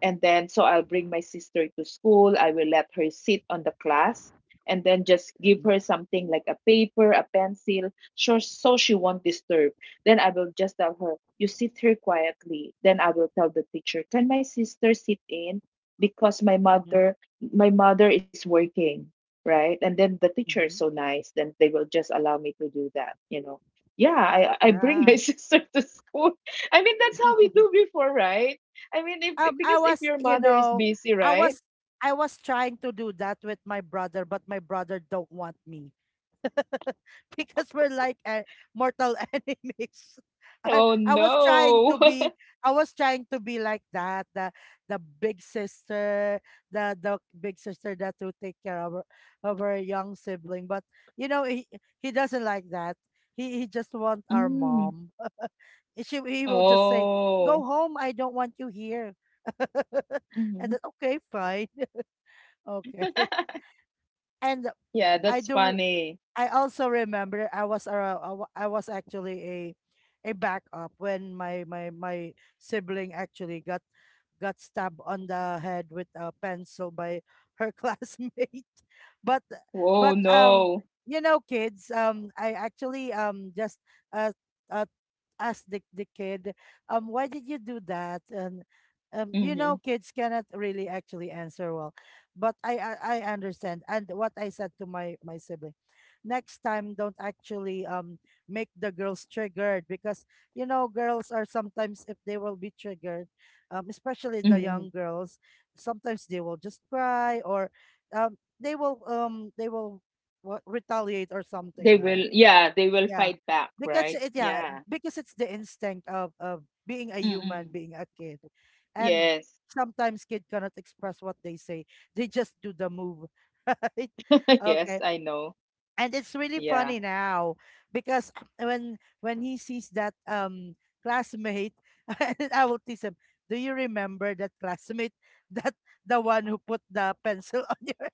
[SPEAKER 2] And then, so I'll bring my sister to school. I will let her sit on the class and then just give her
[SPEAKER 1] Mm-hmm.
[SPEAKER 2] something like a paper, a pencil, sure, so she won't disturb. Then I will just tell her, you sit here quietly. Then I will tell the teacher, can my sister sit in? Because
[SPEAKER 1] Mm-hmm.
[SPEAKER 2] my mother is working, right? And then the teacher is
[SPEAKER 1] Mm-hmm.
[SPEAKER 2] so nice, then they will just allow me to do that, you know. Yeah, I bring my
[SPEAKER 1] Yeah.
[SPEAKER 2] sister to school. I mean, that's how we do before, right? I mean, if-
[SPEAKER 1] I
[SPEAKER 2] because if
[SPEAKER 1] was,
[SPEAKER 2] your
[SPEAKER 1] you
[SPEAKER 2] mother is
[SPEAKER 1] know,
[SPEAKER 2] busy,
[SPEAKER 1] I
[SPEAKER 2] right?
[SPEAKER 1] was, I was trying to do that with my brother, but my brother don't want me. Because we're like, mortal enemies. I,
[SPEAKER 2] Oh
[SPEAKER 1] I was trying to
[SPEAKER 2] no.
[SPEAKER 1] be, I was trying to be like that, the big sister, the big sister that will take care of her young sibling, but you know he doesn't like that. He just want our
[SPEAKER 2] Mm.
[SPEAKER 1] mom. She, he will just say, go
[SPEAKER 2] Oh.
[SPEAKER 1] home, I don't want you here. And
[SPEAKER 2] Hmm.
[SPEAKER 1] then, okay, fine. Okay. And
[SPEAKER 2] Yeah,
[SPEAKER 1] I
[SPEAKER 2] that's
[SPEAKER 1] do. Re-
[SPEAKER 2] funny.
[SPEAKER 1] I also remember I was I wa- I was actually a backup when my sibling actually got stabbed on the head with a pencil by her classmate. But
[SPEAKER 2] Oh
[SPEAKER 1] but um
[SPEAKER 2] no.
[SPEAKER 1] you know kids, I actually just uh, uh ask the kid, why did you do that? And, you know,
[SPEAKER 2] Hmm.
[SPEAKER 1] kids cannot really actually answer well. But I I understand. And what I said to my sibling, next time don't actually make the girls triggered, because you know girls are sometimes, if they will be triggered, especially the
[SPEAKER 2] Hmm.
[SPEAKER 1] young girls, sometimes they will just cry, or they will, what, retaliate or something,
[SPEAKER 2] They
[SPEAKER 1] right?
[SPEAKER 2] will, yeah, they will
[SPEAKER 1] Yeah.
[SPEAKER 2] fight back,
[SPEAKER 1] Because
[SPEAKER 2] right?
[SPEAKER 1] it yeah,
[SPEAKER 2] Yeah.
[SPEAKER 1] because it's the instinct of being a human,
[SPEAKER 2] Mm-mm.
[SPEAKER 1] being a kid. And
[SPEAKER 2] Yes.
[SPEAKER 1] sometimes kid cannot express what they say. They just do the move. Right?
[SPEAKER 2] Yes,
[SPEAKER 1] Okay.
[SPEAKER 2] I know.
[SPEAKER 1] And it's really
[SPEAKER 2] Yeah.
[SPEAKER 1] funny now because, when he sees that classmate, and I will tease him, do you remember that classmate, that, the one who put the pencil on your.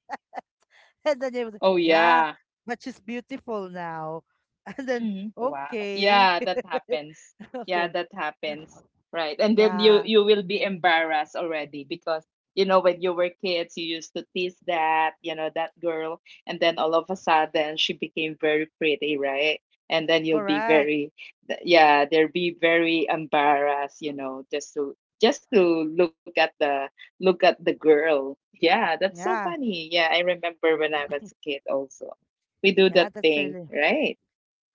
[SPEAKER 1] And then they was like,
[SPEAKER 2] Oh
[SPEAKER 1] yeah,
[SPEAKER 2] yeah.
[SPEAKER 1] but she's beautiful now. And then,
[SPEAKER 2] Mhm. Wow.
[SPEAKER 1] okay.
[SPEAKER 2] Yeah, that happens. Yeah,
[SPEAKER 1] Okay.
[SPEAKER 2] that
[SPEAKER 1] Uh,
[SPEAKER 2] happens. Right. And then you
[SPEAKER 1] yeah,
[SPEAKER 2] you will be embarrassed already because you know when you were kids you used to tease that, you know, that girl and then all of a sudden she became very pretty, right? And then you'll be
[SPEAKER 1] correct.
[SPEAKER 2] very th- yeah, they'll be very embarrassed, you know, just to look at the look at the girl. Yeah, that's so
[SPEAKER 1] Yeah,
[SPEAKER 2] funny. Yeah, I remember when I was a kid also. We do that
[SPEAKER 1] yeah, that's
[SPEAKER 2] thing,
[SPEAKER 1] really
[SPEAKER 2] right?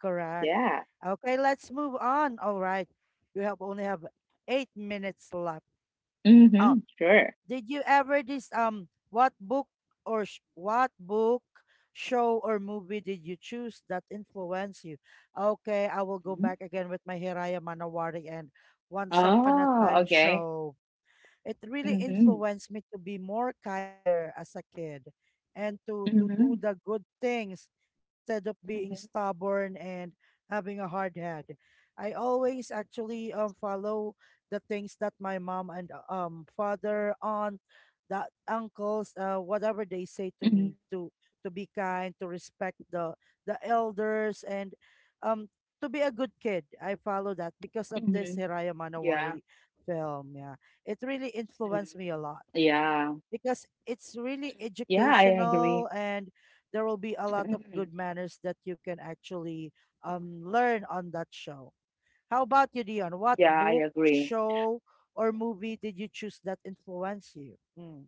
[SPEAKER 1] correct.
[SPEAKER 2] Yeah.
[SPEAKER 1] Okay, let's move on. All right. We have only have 8 minutes left.
[SPEAKER 2] Mhm, sure.
[SPEAKER 1] Did you ever, this, what book or sh- what book, show, or movie did you choose that influenced you? Okay, I will go
[SPEAKER 2] Mhm.
[SPEAKER 1] back again with my Hiraya Manawari and Once Upon a
[SPEAKER 2] Oh,
[SPEAKER 1] Time
[SPEAKER 2] okay.
[SPEAKER 1] show. It really
[SPEAKER 2] Mhm,
[SPEAKER 1] influenced me to be more kinder as a kid, and to do
[SPEAKER 2] mhm,
[SPEAKER 1] the good things instead of
[SPEAKER 2] mhm,
[SPEAKER 1] being stubborn and having a hard head. I always actually follow the things that my mom and, father, aunt, that, uncles, whatever they say to
[SPEAKER 2] mhm,
[SPEAKER 1] me, to be kind, to respect the elders, and um to be a good kid. I follow that because of this
[SPEAKER 2] mhm.
[SPEAKER 1] Hiraya
[SPEAKER 2] Yeah.
[SPEAKER 1] Manawari film. Yeah. It really
[SPEAKER 2] Mm.
[SPEAKER 1] influenced me a lot
[SPEAKER 2] Yeah.
[SPEAKER 1] because it's really
[SPEAKER 2] Yeah, I agree.
[SPEAKER 1] educational, and there will be a lot
[SPEAKER 2] Mm-mm.
[SPEAKER 1] of good manners that you can actually learn on that show. How about you, Dion?
[SPEAKER 2] Yeah,
[SPEAKER 1] What
[SPEAKER 2] I
[SPEAKER 1] book,
[SPEAKER 2] agree.
[SPEAKER 1] show, or movie did you choose that influenced you? Mm.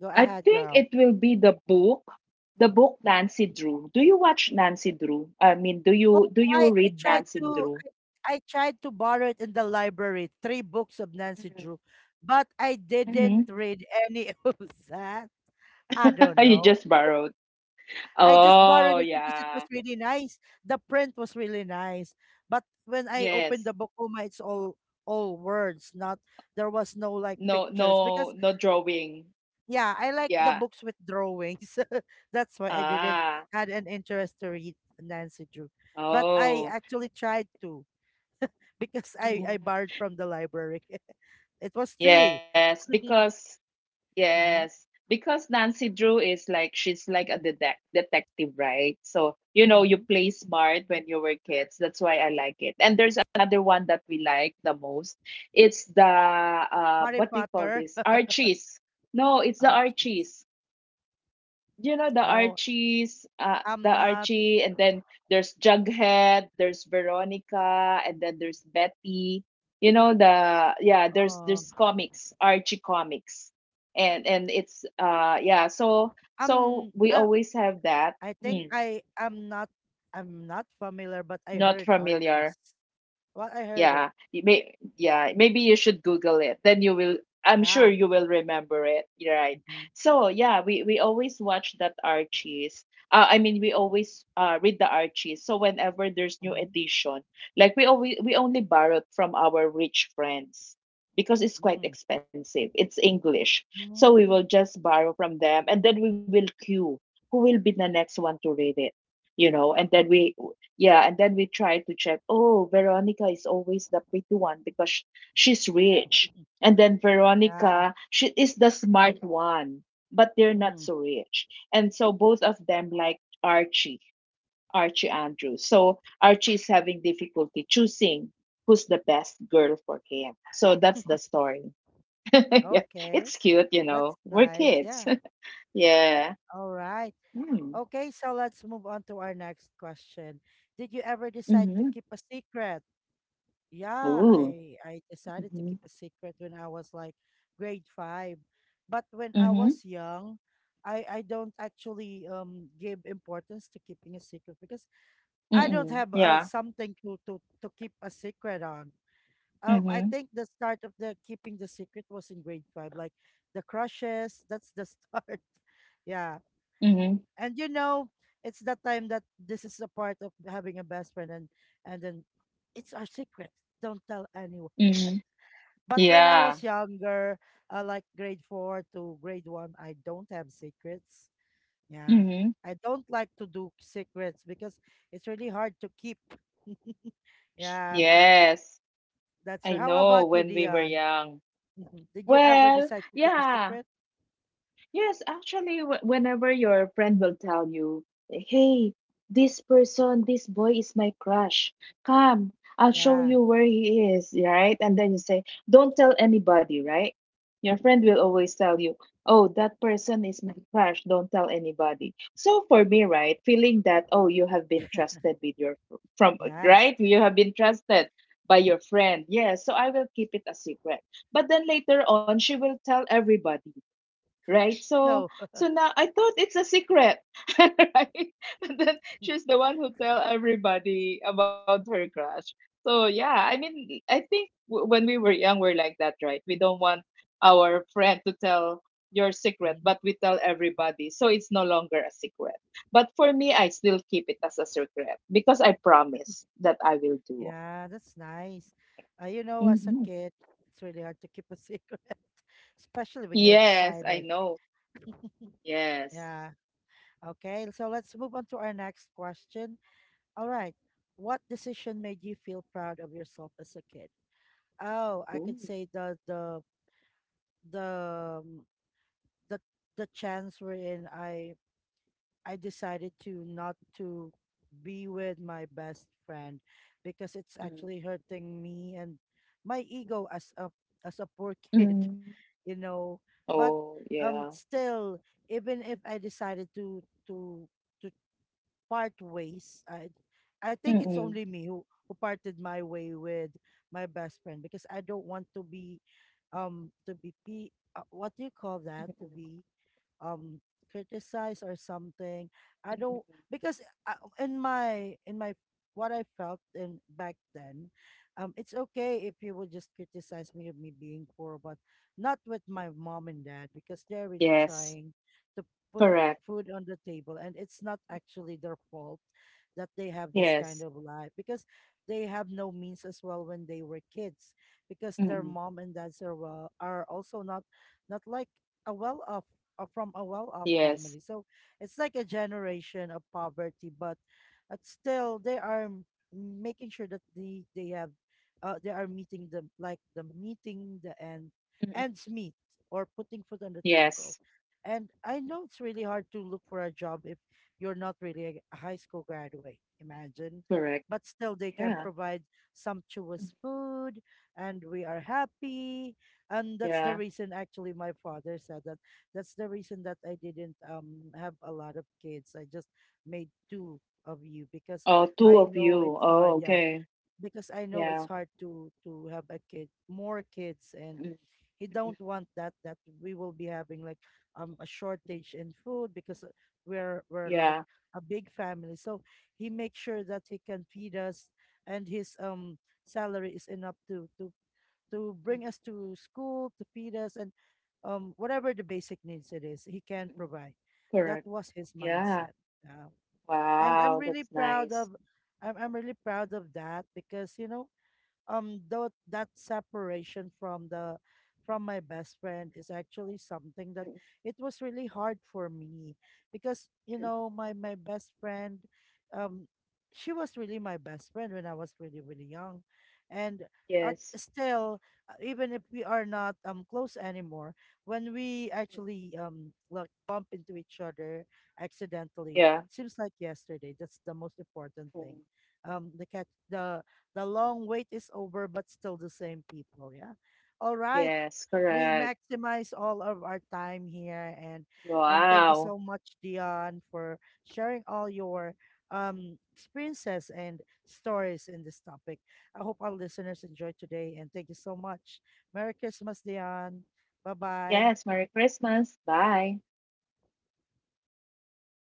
[SPEAKER 1] Go
[SPEAKER 2] I
[SPEAKER 1] ahead,
[SPEAKER 2] think
[SPEAKER 1] girl.
[SPEAKER 2] it will be the book Nancy Drew. Do you watch Nancy Drew? I mean,
[SPEAKER 1] Oh,
[SPEAKER 2] do you
[SPEAKER 1] I
[SPEAKER 2] read
[SPEAKER 1] tried
[SPEAKER 2] Nancy
[SPEAKER 1] to,
[SPEAKER 2] Drew?
[SPEAKER 1] I tried to borrow it in the library, three books of Nancy
[SPEAKER 2] Mhm.
[SPEAKER 1] Drew, but I didn't
[SPEAKER 2] Mhm.
[SPEAKER 1] read any of that. I don't
[SPEAKER 2] You
[SPEAKER 1] know.
[SPEAKER 2] just borrowed.
[SPEAKER 1] I just
[SPEAKER 2] Oh,
[SPEAKER 1] borrowed it because it was
[SPEAKER 2] yeah.
[SPEAKER 1] really nice. The print was really nice. But when I opened
[SPEAKER 2] Yes.
[SPEAKER 1] the Bokuma, it's all words, not, there was no like
[SPEAKER 2] No,
[SPEAKER 1] pictures
[SPEAKER 2] no,
[SPEAKER 1] because,
[SPEAKER 2] no drawing.
[SPEAKER 1] yeah, I like the
[SPEAKER 2] Yeah.
[SPEAKER 1] books with drawings. That's why I didn't
[SPEAKER 2] Ah.
[SPEAKER 1] had an interest to read Nancy Drew. But I
[SPEAKER 2] Oh,
[SPEAKER 1] actually tried to, because I
[SPEAKER 2] mhm.
[SPEAKER 1] borrowed from the library. It was three.
[SPEAKER 2] Yes, because yes,
[SPEAKER 1] Mhm,
[SPEAKER 2] because Nancy Drew is like she's like a detec detective, right? So, you know, you
[SPEAKER 1] mhm.
[SPEAKER 2] play smart when you were kids. That's why I like it. And there's another one that we like the most. It's the
[SPEAKER 1] Harry
[SPEAKER 2] what do you call
[SPEAKER 1] Potter.
[SPEAKER 2] this? Archies. No, it's the
[SPEAKER 1] Archie's.
[SPEAKER 2] Archies. You know the
[SPEAKER 1] Oh,
[SPEAKER 2] Archies, the
[SPEAKER 1] I'm not.
[SPEAKER 2] Archie, and then there's Jughead, there's Veronica, and then there's Betty. You know the yeah,
[SPEAKER 1] Oh.
[SPEAKER 2] there's comics, Archie comics, and it's yeah, so so
[SPEAKER 1] Um,
[SPEAKER 2] we
[SPEAKER 1] I,
[SPEAKER 2] always have that.
[SPEAKER 1] I think
[SPEAKER 2] Hmm,
[SPEAKER 1] I am not, I'm not familiar, but I
[SPEAKER 2] not
[SPEAKER 1] heard
[SPEAKER 2] familiar.
[SPEAKER 1] Archie's. Well, I heard it.
[SPEAKER 2] Yeah, you may yeah, maybe you should Google it. Then you will I'm sure
[SPEAKER 1] Yeah.
[SPEAKER 2] you will remember it. You're right.
[SPEAKER 1] Mm-hmm.
[SPEAKER 2] So yeah, we always watch that Archie's. I mean, we always read the Archie's. So whenever there's new
[SPEAKER 1] Mm-hmm.
[SPEAKER 2] edition, like we always we only borrowed from our rich friends because it's quite
[SPEAKER 1] Mm.
[SPEAKER 2] expensive. It's English, so we
[SPEAKER 1] Mm.
[SPEAKER 2] will just borrow from them, and then we will queue. Who will be the next one to read it? You know, and then we yeah, and then we try to check. Oh, Veronica is always the pretty one because sh- she's rich. And then
[SPEAKER 1] Yeah.
[SPEAKER 2] Veronica, she is the smart one, but they're not
[SPEAKER 1] Mm.
[SPEAKER 2] so rich. And so both of them like Archie, Archie Andrews. So Archie is having difficulty choosing who's the best girl for him. So that's the story. Yeah,
[SPEAKER 1] Okay.
[SPEAKER 2] it's cute, you
[SPEAKER 1] That's
[SPEAKER 2] know. We're
[SPEAKER 1] nice.
[SPEAKER 2] kids.
[SPEAKER 1] Yeah.
[SPEAKER 2] Yeah.
[SPEAKER 1] All right.
[SPEAKER 2] Mm.
[SPEAKER 1] Okay, so let's move on to our next question. Did you ever decide to
[SPEAKER 2] Mm-hmm.
[SPEAKER 1] keep a secret? Yeah,
[SPEAKER 2] Ooh.
[SPEAKER 1] I decided to
[SPEAKER 2] Mm-hmm.
[SPEAKER 1] keep a secret when I was like grade five. But when I
[SPEAKER 2] Mm-hmm.
[SPEAKER 1] was young, I don't actually give importance to keeping a secret, because I don't
[SPEAKER 2] Mm-mm.
[SPEAKER 1] have
[SPEAKER 2] Yeah.
[SPEAKER 1] something to keep a secret on. I
[SPEAKER 2] Mm-hmm.
[SPEAKER 1] think the start of the keeping the secret was in grade five, like the crushes. That's the start. Yeah,
[SPEAKER 2] Mhm,
[SPEAKER 1] and you know, it's that time that this is a part of having a best friend, and then it's our secret. Don't tell anyone.
[SPEAKER 2] mhm.
[SPEAKER 1] But when I
[SPEAKER 2] Yeah.
[SPEAKER 1] was younger, like grade four to grade one, I don't have secrets. Yeah.
[SPEAKER 2] Mhm.
[SPEAKER 1] I don't like to do secrets because it's really hard to keep. Yeah.
[SPEAKER 2] Yes. I
[SPEAKER 1] How
[SPEAKER 2] know
[SPEAKER 1] about you,
[SPEAKER 2] when we were
[SPEAKER 1] Dion?
[SPEAKER 2] young.
[SPEAKER 1] Mhm. Did you ever
[SPEAKER 2] Well,
[SPEAKER 1] decide to keep a
[SPEAKER 2] yeah.
[SPEAKER 1] secret?
[SPEAKER 2] Yes, actually, wh- whenever your friend will tell you, hey, this person, this boy is my crush. Come, I'll show
[SPEAKER 1] Yeah.
[SPEAKER 2] you where he is, right? And then you say, don't tell anybody, right? Your friend will always tell you, oh, that person is my crush. Don't tell anybody. So for me, right, feeling that, oh, you have been trusted with your, from,
[SPEAKER 1] Yes.
[SPEAKER 2] right? You have been trusted by your friend. Yes, so I will keep it a secret. But then later on, she will tell everybody, right? So
[SPEAKER 1] No.
[SPEAKER 2] so now I thought it's a secret, right? But then she's the one who tell everybody about her crush. So yeah, I mean, I think w- when we were young, we're like that, right? We don't want our friend to tell your secret,
[SPEAKER 1] Mhm.
[SPEAKER 2] but we tell everybody, so it's no longer a secret. But for me, I still keep it as a secret because I promise that I will do.
[SPEAKER 1] Yeah, that's nice. As a
[SPEAKER 2] Hmm.
[SPEAKER 1] kid, it's really hard to keep a secret, especially when you're
[SPEAKER 2] Yes, I
[SPEAKER 1] excited.
[SPEAKER 2] know. Yes.
[SPEAKER 1] Yeah. Okay. So let's move on to our next question. All right. What decision made you feel proud of yourself as a kid? Oh, I
[SPEAKER 2] Ooh.
[SPEAKER 1] could say the the um, the the chance wherein I decided to not to be with my best friend because it's
[SPEAKER 2] Mm.
[SPEAKER 1] actually hurting me and my ego as a poor kid,
[SPEAKER 2] Mm.
[SPEAKER 1] you know. But
[SPEAKER 2] Oh, yeah.
[SPEAKER 1] still, even if I decided to part ways. I
[SPEAKER 2] Mm,
[SPEAKER 1] think it's
[SPEAKER 2] mm,
[SPEAKER 1] only me who parted my way with my best friend because I don't want to be what do you call that? To be um criticize or something, I
[SPEAKER 2] mm.
[SPEAKER 1] don't, because I, in my what I felt in back then, it's okay if you would just criticize me of me being poor, but not with my mom and dad because they're really
[SPEAKER 2] Yes,
[SPEAKER 1] trying to put
[SPEAKER 2] correct.
[SPEAKER 1] food on the table, and it's not actually their fault that they have this kind
[SPEAKER 2] Yes.
[SPEAKER 1] of life because they have no means as well when they were kids, because their
[SPEAKER 2] Mm,
[SPEAKER 1] mom and dads are well are also not not like a well-off, from a well-off family.
[SPEAKER 2] yes.
[SPEAKER 1] So it's like a generation of poverty, but still they are making sure that they have, they are meeting the like the meeting the end
[SPEAKER 2] Mm,
[SPEAKER 1] ends meet, or putting food on the
[SPEAKER 2] yes,
[SPEAKER 1] table. And I know it's really hard to look for a job if you're not really a a high school graduate. Imagine.
[SPEAKER 2] correct.
[SPEAKER 1] But still, they can
[SPEAKER 2] Yeah.
[SPEAKER 1] provide
[SPEAKER 2] Mm,
[SPEAKER 1] sumptuous food, and we are happy. And that's the
[SPEAKER 2] yeah.
[SPEAKER 1] reason, actually, my father said that that's the reason that I didn't have a lot of kids. I just made two of you because
[SPEAKER 2] Oh, two
[SPEAKER 1] I
[SPEAKER 2] of
[SPEAKER 1] know
[SPEAKER 2] you.
[SPEAKER 1] it's
[SPEAKER 2] Oh,
[SPEAKER 1] hard. Yeah,
[SPEAKER 2] okay.
[SPEAKER 1] because I know it's
[SPEAKER 2] Yeah.
[SPEAKER 1] hard to have a kid, more kids, and
[SPEAKER 2] Mm,
[SPEAKER 1] he
[SPEAKER 2] mm,
[SPEAKER 1] don't want that. That we will be having like a shortage in food, because we're
[SPEAKER 2] yeah.
[SPEAKER 1] like a big family. So he makes sure that he can feed us, and his salary is enough to
[SPEAKER 2] Mm,
[SPEAKER 1] bring us to school, to feed us, and whatever the basic needs it is, he can
[SPEAKER 2] mm,
[SPEAKER 1] provide. That
[SPEAKER 2] correct.
[SPEAKER 1] was his
[SPEAKER 2] Yeah.
[SPEAKER 1] mindset. Uh, and
[SPEAKER 2] Wow, that's nice.
[SPEAKER 1] I'm really proud of that because, you know, though that separation from the from my best friend is actually something
[SPEAKER 2] Mm,
[SPEAKER 1] that it was really hard for me, because you
[SPEAKER 2] mm,
[SPEAKER 1] know my best friend, um she was really my best friend when I was really really young, and
[SPEAKER 2] yes.
[SPEAKER 1] still, even if we are not close anymore, when we actually like bump into each other accidentally,
[SPEAKER 2] Yeah.
[SPEAKER 1] seems like yesterday, that's the most important thing.
[SPEAKER 2] Mm,
[SPEAKER 1] The the long wait is over, but still the same people. Yeah. All right.
[SPEAKER 2] yes,
[SPEAKER 1] We
[SPEAKER 2] correct.
[SPEAKER 1] maximize all of our time here. And thank you so
[SPEAKER 2] Wow.
[SPEAKER 1] much, Dion, for sharing all your experiences and stories in this topic. I hope our listeners enjoyed today. And thank you so much. Merry Christmas, Dion. Bye bye.
[SPEAKER 2] Yes, Merry Christmas. Bye.